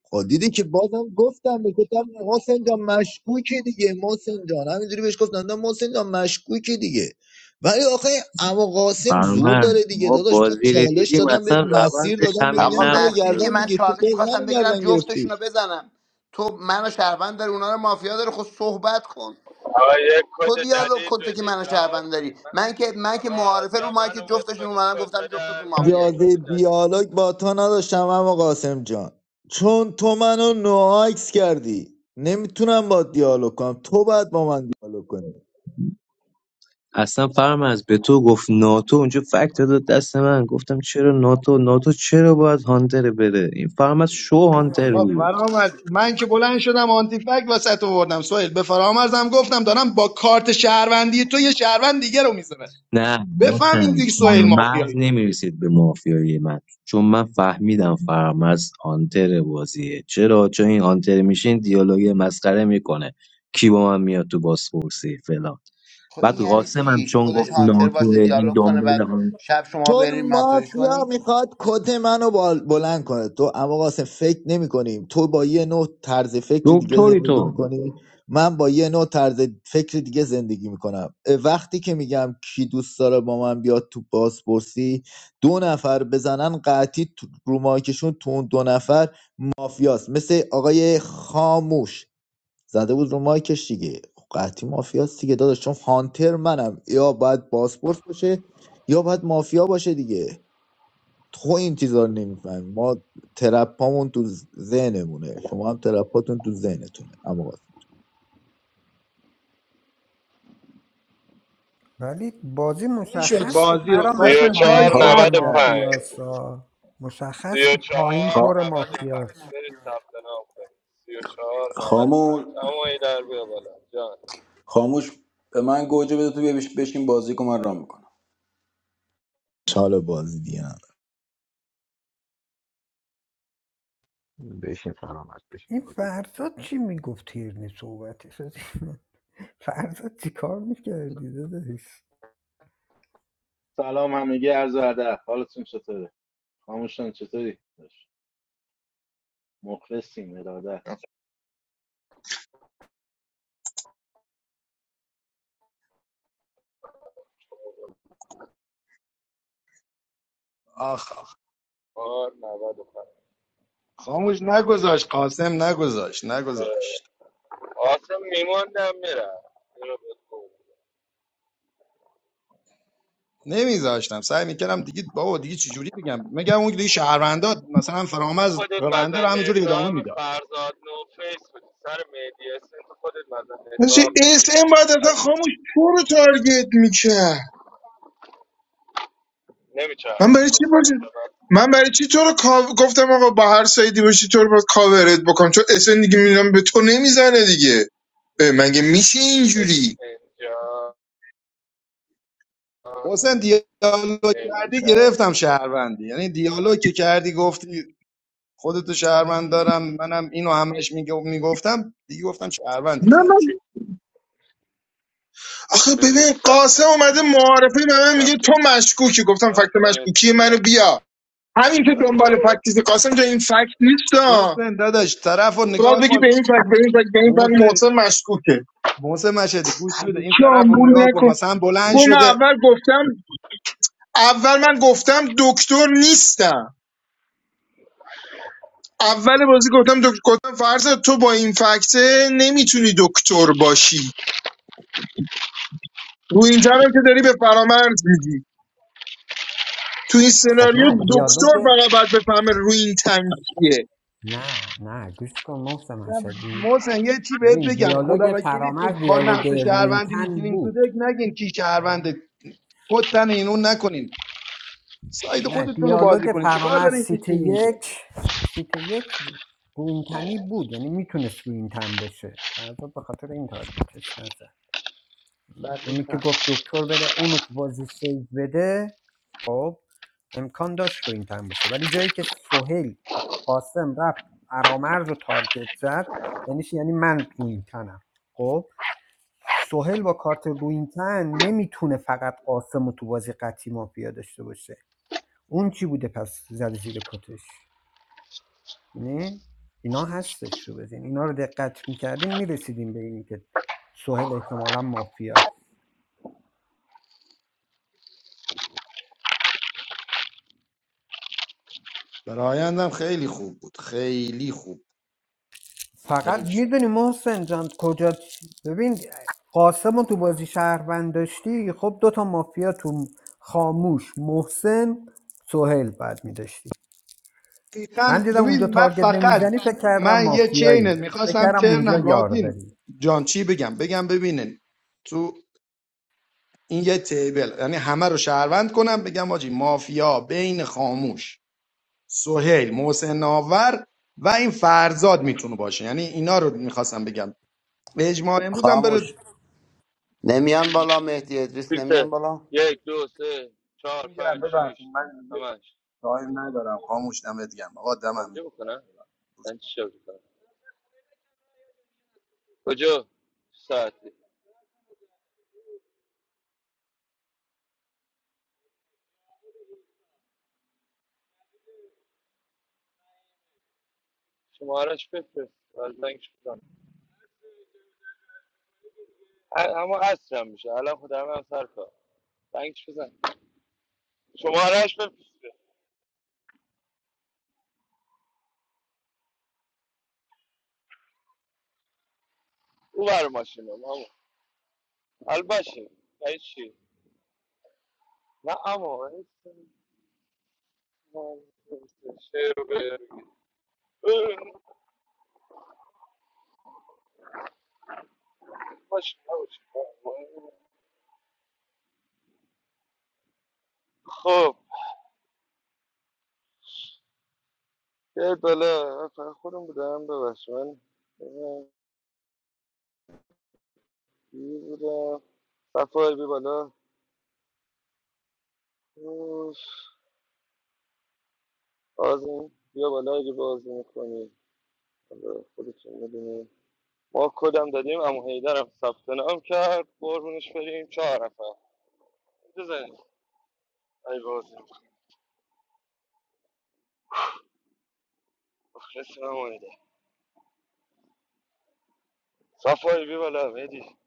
[SPEAKER 11] خب دیدی که بازم گفتم گفتم محسن جان مشکوکی دیگه محسن جان همینجوری بهش گفتم نه محسن جان مشکوکی دیگه ولی آخه اما قاسم زور
[SPEAKER 15] فرامرز
[SPEAKER 11] داره دیگه
[SPEAKER 15] ما
[SPEAKER 11] داداش من
[SPEAKER 15] بازی رو
[SPEAKER 11] چالش
[SPEAKER 15] دیدیم
[SPEAKER 11] دادم بهت
[SPEAKER 15] اصلا
[SPEAKER 11] مسیر
[SPEAKER 15] روندش
[SPEAKER 11] دادم بهت
[SPEAKER 15] همین
[SPEAKER 11] میگن
[SPEAKER 14] آقا
[SPEAKER 11] اینا رو
[SPEAKER 15] نبود
[SPEAKER 14] مسیر که
[SPEAKER 11] گردن
[SPEAKER 14] من
[SPEAKER 15] داداش.
[SPEAKER 11] بگیر تو
[SPEAKER 14] چالش
[SPEAKER 11] باز
[SPEAKER 14] میخواستم
[SPEAKER 11] منو
[SPEAKER 14] بگیرم
[SPEAKER 11] گردن گرفتی
[SPEAKER 14] جفتشون رو بزنم تو منو شهروند داری اونا رو مافیا داری خود صحبت کن
[SPEAKER 1] آقا یک
[SPEAKER 14] تو
[SPEAKER 1] کد
[SPEAKER 14] دیالوگ
[SPEAKER 1] جدید
[SPEAKER 14] کن تو که
[SPEAKER 1] بدید
[SPEAKER 14] منو
[SPEAKER 1] رها
[SPEAKER 14] شهروند داری
[SPEAKER 1] کنید من
[SPEAKER 14] من که من که
[SPEAKER 1] آقا
[SPEAKER 14] معارفه
[SPEAKER 1] یا
[SPEAKER 14] رو مایک
[SPEAKER 1] منو مت
[SPEAKER 14] جفتشون
[SPEAKER 1] کنید
[SPEAKER 14] اومدم
[SPEAKER 1] کد
[SPEAKER 14] گفتم
[SPEAKER 1] بدم
[SPEAKER 14] جفتتون
[SPEAKER 1] یا یک
[SPEAKER 14] مافیایی
[SPEAKER 1] کد
[SPEAKER 11] اجازه
[SPEAKER 1] جدید بدم
[SPEAKER 11] دیالوگ با تو نداشتم اما قاسم جان چون تو منو نوعاکس کردی نمیتونم با دیالوگ کنم تو باید با من دیالوگ کنی
[SPEAKER 15] اصلا فرامرز به تو گفت ناتو اونجا فکت داد دست من گفتم چرا ناتو ناتو چرا باید هانتر بره این فرامرز شو هانتر
[SPEAKER 16] آقا
[SPEAKER 15] بود
[SPEAKER 16] فرامرز من که بلند شدم آنتی فک وسط آوردم سویل به فرامرزم گفتم دارم با کارت شهروندی تو یه شهروند دیگه رو میزنه
[SPEAKER 15] نه
[SPEAKER 16] بفهم این
[SPEAKER 15] محسن
[SPEAKER 16] دیگه سویل
[SPEAKER 15] فرمز
[SPEAKER 16] مافیایی
[SPEAKER 15] نمیرسید به مافیای من چون من فهمیدم فرمز آنتر بازیه چرا چون این آنتر میشین دیالوگ مسخره میکنه کی با من میاد تو بازپرسی فلان
[SPEAKER 14] خب این
[SPEAKER 15] بعد
[SPEAKER 14] یعنی
[SPEAKER 15] قاسمم
[SPEAKER 14] چیش
[SPEAKER 15] چون
[SPEAKER 14] خودش
[SPEAKER 15] گفت
[SPEAKER 14] هانتر باشه
[SPEAKER 15] ناتوه این
[SPEAKER 14] دیالوگ کنه
[SPEAKER 15] دنبال
[SPEAKER 14] بعد
[SPEAKER 15] هم
[SPEAKER 14] شب شما بریم
[SPEAKER 11] چون
[SPEAKER 14] ماتوش
[SPEAKER 11] مافیا
[SPEAKER 14] کنی
[SPEAKER 11] میخواد کت منو بال- بلند کنه تو اما قاسم فکر نمی کنیم تو با یه نوع طرز فکر دیگه
[SPEAKER 15] دکتری
[SPEAKER 11] زندگی
[SPEAKER 15] تو
[SPEAKER 11] میکنی من با یه نوع طرز فکر دیگه زندگی میکنم وقتی که میگم کی دوست داره با من بیاد تو بازپرسی دو نفر بزنن قطعی تو- رو مایکشون تو اون دو نفر مافیاست مثل آقای خاموش زده بود رو مایکش دیگه خب قطعی مافیاست دیگه داداش چون هانتر منم یا باید باسپورس باشه یا باید مافیا باشه دیگه تو این چیزا رو نمی‌فهمی. ما ترپامون تو ذهنمونه شما هم ترپاتون تو ذهنتونه اما
[SPEAKER 2] ولی بازی
[SPEAKER 16] این شد
[SPEAKER 2] مشخص بود
[SPEAKER 16] بازی رو
[SPEAKER 2] پرام
[SPEAKER 1] سی
[SPEAKER 2] از
[SPEAKER 1] و
[SPEAKER 16] قاسم
[SPEAKER 2] پایین
[SPEAKER 16] کاش
[SPEAKER 1] چهار
[SPEAKER 6] خا...
[SPEAKER 2] پر
[SPEAKER 16] سر
[SPEAKER 1] نود و
[SPEAKER 16] کرده
[SPEAKER 1] پنج
[SPEAKER 16] بود
[SPEAKER 2] مافیاست آه.
[SPEAKER 1] سی
[SPEAKER 2] مشخص
[SPEAKER 1] و
[SPEAKER 2] بود پایین
[SPEAKER 1] چهار
[SPEAKER 6] خا...
[SPEAKER 2] پر
[SPEAKER 1] نود و پنج
[SPEAKER 2] مافیاست
[SPEAKER 1] برید ثبت نام کنید سی و چهار نود و پنج
[SPEAKER 6] خاموش
[SPEAKER 1] اما ای در بیا بالا جان سی و
[SPEAKER 6] خاموش به من گوجه بده تو بیا بش- بشین بازی کن من رام میکنم.
[SPEAKER 11] چال بازی دیگه
[SPEAKER 13] بشین فرامرز
[SPEAKER 2] این
[SPEAKER 13] بشین
[SPEAKER 2] فرزاد چی میگفت تیرنی صحبتی شد *laughs* فرزاد چی کار میکردی داداش
[SPEAKER 17] سلام همگی، عرض ادب. حالتون چطوره؟ خاموشان چطوری؟ مخلصیم. ارادت.
[SPEAKER 16] آخ
[SPEAKER 1] چهار نود و پنج
[SPEAKER 16] خاموش نگذاشت قاسم نگذاشت
[SPEAKER 1] اه،
[SPEAKER 16] نگذاشت
[SPEAKER 1] قاسم میموندم میرم اینو بهت
[SPEAKER 16] نمیذاشتم سعی میکردم دیگه بابا دیگه چجوری بگم میگم اون دیگه شهروندات مثلا
[SPEAKER 1] تو
[SPEAKER 16] فرامرز
[SPEAKER 1] خودت
[SPEAKER 16] رونده رو
[SPEAKER 1] مزن
[SPEAKER 16] همینجوری ادامه
[SPEAKER 1] اتهام
[SPEAKER 16] میداد
[SPEAKER 1] فرزاد نو فیس بودی سر مهدی اسن تو خودت مزن
[SPEAKER 9] داشتی
[SPEAKER 1] اتهام
[SPEAKER 9] اس
[SPEAKER 1] میشدی
[SPEAKER 9] ام باید اصلا
[SPEAKER 1] از
[SPEAKER 9] خاموش تو رو تارگت میکرد من
[SPEAKER 1] نمیچرد
[SPEAKER 9] برای چی
[SPEAKER 1] اس
[SPEAKER 9] باشه
[SPEAKER 1] ان به من
[SPEAKER 9] من برای چی تو رو کاو- گفتم آقا با هر سایدی باشی تو رو باید کاورت بکنم چون اس ام دیگه میدونم به تو نمیزنه دیگه اه، مگه میشه اینجوری
[SPEAKER 1] اس جا
[SPEAKER 16] حسین دیالوگ کردی
[SPEAKER 1] نمیچرد
[SPEAKER 16] گرفتم شهروندی یعنی دیالوگ که کردی گفتی خودتو شهروند دارم منم اینو همش میگو- میگفتم دیگه گفتم شهروندی
[SPEAKER 9] نه من
[SPEAKER 16] خطی
[SPEAKER 9] آخه
[SPEAKER 1] برید
[SPEAKER 9] ببین
[SPEAKER 1] ثبت
[SPEAKER 9] قاسم اومده معارفه به من میگه تو
[SPEAKER 1] ثبت
[SPEAKER 9] مشکوکی گفتم
[SPEAKER 1] نام
[SPEAKER 9] فکت
[SPEAKER 1] کنید تا
[SPEAKER 9] مشکوکی
[SPEAKER 1] بیا
[SPEAKER 9] منو بیا همین که دنبال
[SPEAKER 1] الله
[SPEAKER 9] فکتیز قاسم تو این فکت نیست ها.
[SPEAKER 16] محسن داداش طرف رو
[SPEAKER 9] تو باید
[SPEAKER 16] نگاه
[SPEAKER 9] بگی به
[SPEAKER 16] کن
[SPEAKER 9] این فکت به این فکت به این فکت
[SPEAKER 16] محسن
[SPEAKER 9] محسن مشکوکه
[SPEAKER 16] محسن مشهدی گوش بده این
[SPEAKER 9] چی
[SPEAKER 16] طرف رو
[SPEAKER 9] آمبول
[SPEAKER 16] نگاه کن
[SPEAKER 9] نکن
[SPEAKER 16] مثلا
[SPEAKER 9] گفت
[SPEAKER 16] بلند
[SPEAKER 9] من
[SPEAKER 16] شده
[SPEAKER 9] اول گفتم اول من گفتم دکتر نیستم اول بازی گفتم دکتر گفتم فرض تو با این فکته نمیتونی دکتر باشی رو این تنم که داری به فرامرز میدی تو این
[SPEAKER 2] خب
[SPEAKER 9] سناریو
[SPEAKER 2] نه
[SPEAKER 9] دکتر
[SPEAKER 2] دیالوگ
[SPEAKER 9] فقط باید بفهمه رو این تنگیه
[SPEAKER 2] نه نه گوش کن محسن مشهدی
[SPEAKER 16] محسن یه چی بهت
[SPEAKER 2] ببین
[SPEAKER 16] بگم خدا
[SPEAKER 2] دیالوگ
[SPEAKER 16] وکیلی تو
[SPEAKER 2] فرامرز
[SPEAKER 16] با
[SPEAKER 2] دیالوگ
[SPEAKER 16] نقش شهروندی
[SPEAKER 2] روینتن
[SPEAKER 16] میشینین تو
[SPEAKER 2] بود
[SPEAKER 16] دک نگین کی شهرونده کتن این اون نکنین ساید
[SPEAKER 2] نه
[SPEAKER 16] خودتون رو بازی
[SPEAKER 2] دیالوگ
[SPEAKER 16] کنین چیکار
[SPEAKER 2] فرامرز
[SPEAKER 16] دارین که
[SPEAKER 2] سیت
[SPEAKER 16] چی میگه
[SPEAKER 2] یک سیت یک رو بود یعنی میتونست رو باشه فردا به خاطر این تارگتش نزد اونی که
[SPEAKER 16] دقیقاً
[SPEAKER 2] گفت دکتر بره اونو که بازی سیو بده خب امکان داشت رو باشه ولی جایی که سهیل و قاسم رفت فرامرز رو تارگت زد یعنی چی؟ یعنی من رو خب سهیل با کارت رو نمیتونه فقط قاسم رو تو بازی قطعی مافیا داشته باشه اون کی بوده پس زده زیر کتش نه اینا هستش رو بزین اینا رو دقت میکردین میرسیدیم به اینی که سهل احتمالا مافیا
[SPEAKER 16] برایندم خیلی خوب بود خیلی خوب حیف
[SPEAKER 2] فقط
[SPEAKER 16] شد
[SPEAKER 2] میدونی محسن جان کجا ببین قاسم تو بازی شهروند داشتی خب دوتا مافیا تو خاموش محسن سهل بعد میداشتی من
[SPEAKER 16] دقیقاً
[SPEAKER 2] دیدم اونجا
[SPEAKER 16] ببین من
[SPEAKER 2] تارگت
[SPEAKER 16] فقط
[SPEAKER 2] نمیزنی فکر کردم
[SPEAKER 16] من یه
[SPEAKER 2] مافیایی
[SPEAKER 16] چینه
[SPEAKER 2] فکر
[SPEAKER 16] میخواستم
[SPEAKER 2] کردم اونجا
[SPEAKER 16] ترنم
[SPEAKER 2] یار
[SPEAKER 16] رابین
[SPEAKER 2] داری
[SPEAKER 16] جان چی بگم بگم ببینین تو این یه تیبل یعنی همه رو شهروند کنم بگم آجی مافیا بین خاموش سهیل محسن ناور و این فرزاد میتونه باشه یعنی اینا رو میخواستم بگم به اجماع امروز هم بره
[SPEAKER 14] خاموش نمیان بالا مهدی ادریس نمیان
[SPEAKER 1] فیلتر
[SPEAKER 14] بالا
[SPEAKER 1] یک دو سه چهار پنج
[SPEAKER 16] ببخشید
[SPEAKER 1] شیش
[SPEAKER 16] من دیگه
[SPEAKER 1] همش
[SPEAKER 16] تایم ندارم خاموش دمت گرم آقا دمم
[SPEAKER 1] توجه بکنم
[SPEAKER 16] می‌گیرم.
[SPEAKER 1] من چی شد کنم کجا چه ساعتی شمارش بفرست از زنگش اما عصرم میشه الان خودم هم سر کار زنگش بزن شمارهش بفرست او بر ماشینم اما حال باشه یعنی چی نه اما ماشین نباشه. خب یه بالا فقط خودم بودم ببخش من بی بودم صفای بی بالا اوف. آزمین بیا بالا اگه بازی میکنی حالا خودتون میدونی ما کدم دادیم امو هیدرم ثبت نام کرد قربونش بریم چهار نفر بزنیم ای بازی مخلصیم امو هیدر صفایی بی بالا مهدی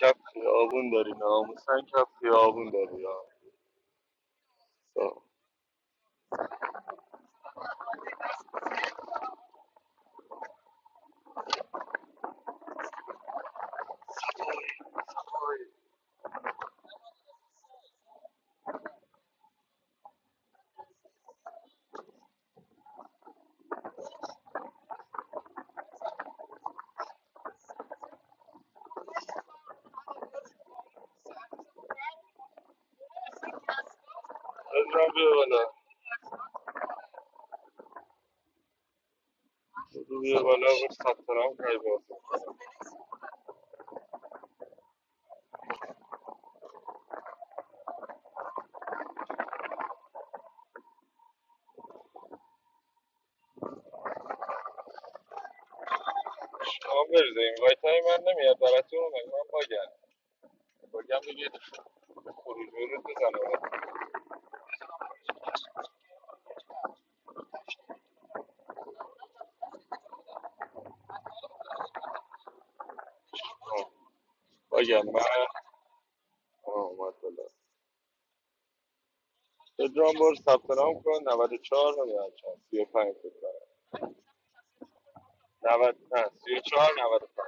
[SPEAKER 1] کپ خیابون داری ناموسن کپ خیابون داری ها. صاف. بیا بالا بدو بیا بالا بر ثبت نام کردی باز شما بریزیم وای تای من نمیاد براتون مگه من باگم باگم دیگه خروج ورود بزنم آه، باگم من آه، اومد بالا پدرام برو ثبت نام کن 94 نمیدونم چند 35 فکر کنم 90 نه 34 95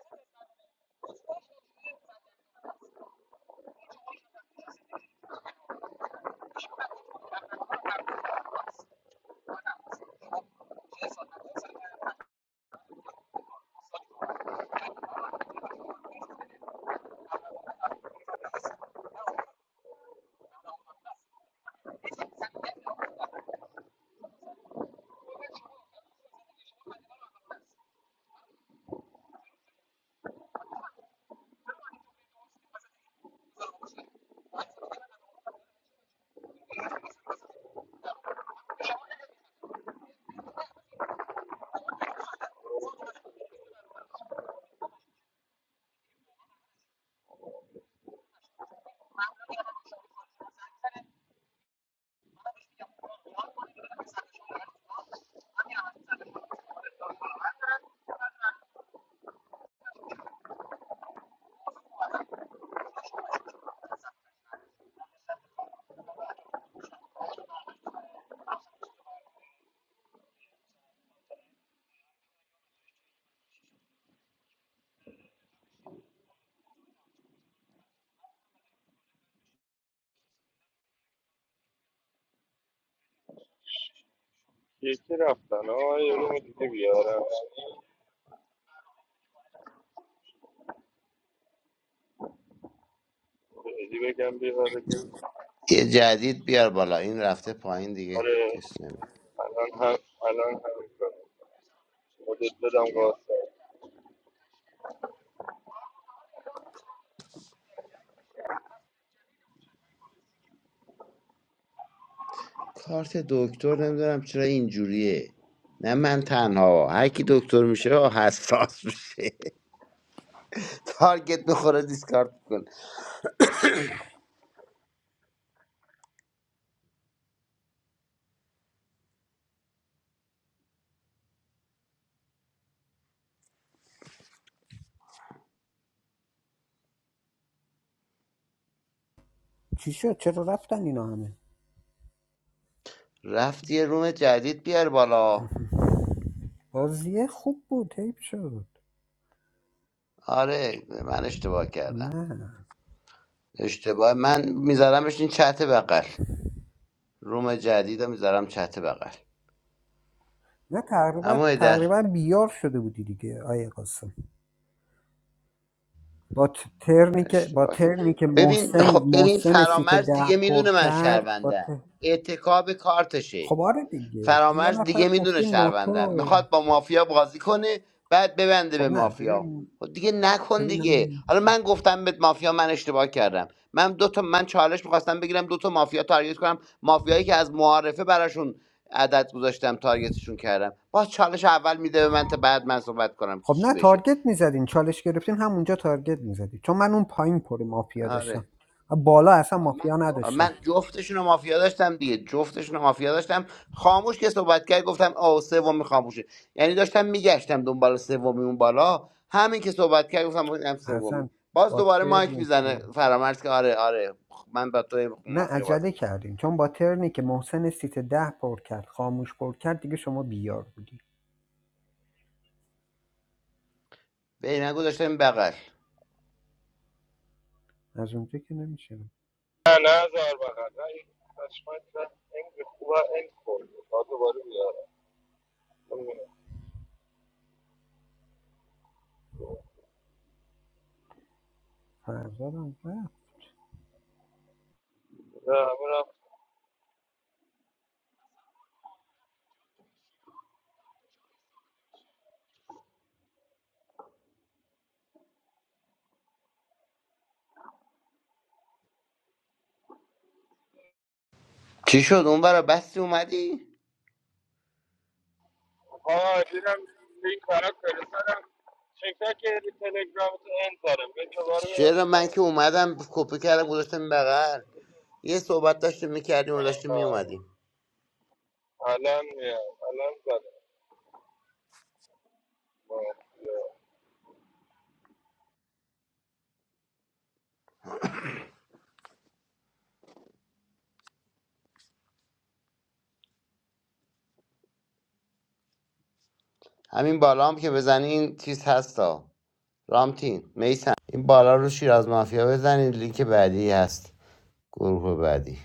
[SPEAKER 1] یکی رفتن آه یه روم دیگه بیارم بدی بگم بیاره که
[SPEAKER 14] یه جدید بیار بالا این رفته پایین دیگه
[SPEAKER 1] آره
[SPEAKER 14] کس نمیاد
[SPEAKER 1] الان هم الان هم کنم مدت بدم واسه
[SPEAKER 14] کارت دکتر نمیدونم چرا اینجوریه نه من تنها هر کی دکتر میشه آه، حساس میشه *laughs* تارگت بخوره دیسکارد کن
[SPEAKER 2] چی شد چرا رفتن اینا همه
[SPEAKER 14] رفت یه روم جدید بیار بالا
[SPEAKER 2] بازیه خوب بود حیف شد
[SPEAKER 14] آره من اشتباه کردم
[SPEAKER 2] نه
[SPEAKER 14] اشتباه من میذارمش این چت بغل روم جدید رو میذارم چت بغل
[SPEAKER 2] نه تقریبا
[SPEAKER 14] اما ای در
[SPEAKER 2] تقریبا بیار شده بودی دیگه آیه قاسم با ت- ترنی که با
[SPEAKER 14] اشتباه
[SPEAKER 2] ترنی که
[SPEAKER 14] ببین
[SPEAKER 2] محسن
[SPEAKER 14] خب ببین
[SPEAKER 2] محسن سیت
[SPEAKER 14] فرامرز
[SPEAKER 2] ده
[SPEAKER 14] دیگه
[SPEAKER 2] پر
[SPEAKER 14] میدونه من
[SPEAKER 2] کرد با
[SPEAKER 14] شهروندم
[SPEAKER 2] ت...
[SPEAKER 14] اعتکاب کارتشه
[SPEAKER 2] خب آره دیگه یه
[SPEAKER 14] فرامرز
[SPEAKER 2] نفر
[SPEAKER 14] دیگه میدونه
[SPEAKER 2] گفتی
[SPEAKER 14] شهروندم
[SPEAKER 2] ناتو
[SPEAKER 14] میخواد با مافیا بازی کنه بعد ببنده
[SPEAKER 2] خب
[SPEAKER 14] به
[SPEAKER 2] نه
[SPEAKER 14] مافیا
[SPEAKER 2] ببین
[SPEAKER 14] خب دیگه نکن
[SPEAKER 2] ببینم
[SPEAKER 14] دیگه حالا من گفتم به مافیا من اشتباه کردم من دو تا من چالش میخواستم بگیرم دو تا مافیا تارگت کنم مافیایی که از معارفه براشون عدد گذاشتم تارگتشون کردم باز چالش اول میده به من تا بعد من صحبت کنم که
[SPEAKER 2] خب
[SPEAKER 14] چی
[SPEAKER 2] نه
[SPEAKER 14] بشه
[SPEAKER 2] تارگت میزدین چالش گرفتین همونجا تارگت میزدی چون من اون پایین پر مافیا
[SPEAKER 14] آره
[SPEAKER 2] داشتم بالا اصلا مافیا نداشتم
[SPEAKER 14] من جفتشون رو مافیا داشتم دیگه جفتشون رو مافیا داشتم خاموش که صحبت کرد گفتم آ سومی خاموشه یعنی داشتم میگشتم دنبال سومی اون بالا همین که صحبت کرد گفتم هم سومی
[SPEAKER 2] اصلا
[SPEAKER 14] باز
[SPEAKER 2] با
[SPEAKER 14] دوباره مایک
[SPEAKER 2] ترنی که
[SPEAKER 14] میزنه فرامرز که آره آره من با تو
[SPEAKER 2] نه
[SPEAKER 14] مافیا بازی
[SPEAKER 2] عجله
[SPEAKER 14] میکنم
[SPEAKER 2] کردیم چون با ترنی که محسن سیت ده پر کرد خاموش پر کرد دیگه شما بیار بودی
[SPEAKER 14] به نگو داشتم بغل
[SPEAKER 2] از اونجا که نمیشه
[SPEAKER 1] نه نه زار بغل نه این پشمک رفت این خوبه این خورد تا دوباره بیارم نمی‌دونم.
[SPEAKER 2] فرزادم و
[SPEAKER 1] نه همه رفت
[SPEAKER 14] چی شد اون برا بستی اومدی
[SPEAKER 1] ها دیدم لینک برات فرستادم چک نکردی تلگرام تو این دارم به دوباره میرم
[SPEAKER 14] چرا من که اومدم کپی کردم گذاشتم بغل یه صحبت داشتیم میکردیم و داشتیم
[SPEAKER 1] میزنم
[SPEAKER 14] میومدیم
[SPEAKER 1] الان میام الان زدم آه، بیا.
[SPEAKER 14] همین بالا هم که بزنی این چیز هستا رامتین میسم این بالا رو شیر از مافیا بزنید لینک بعدی هست گروه بعدی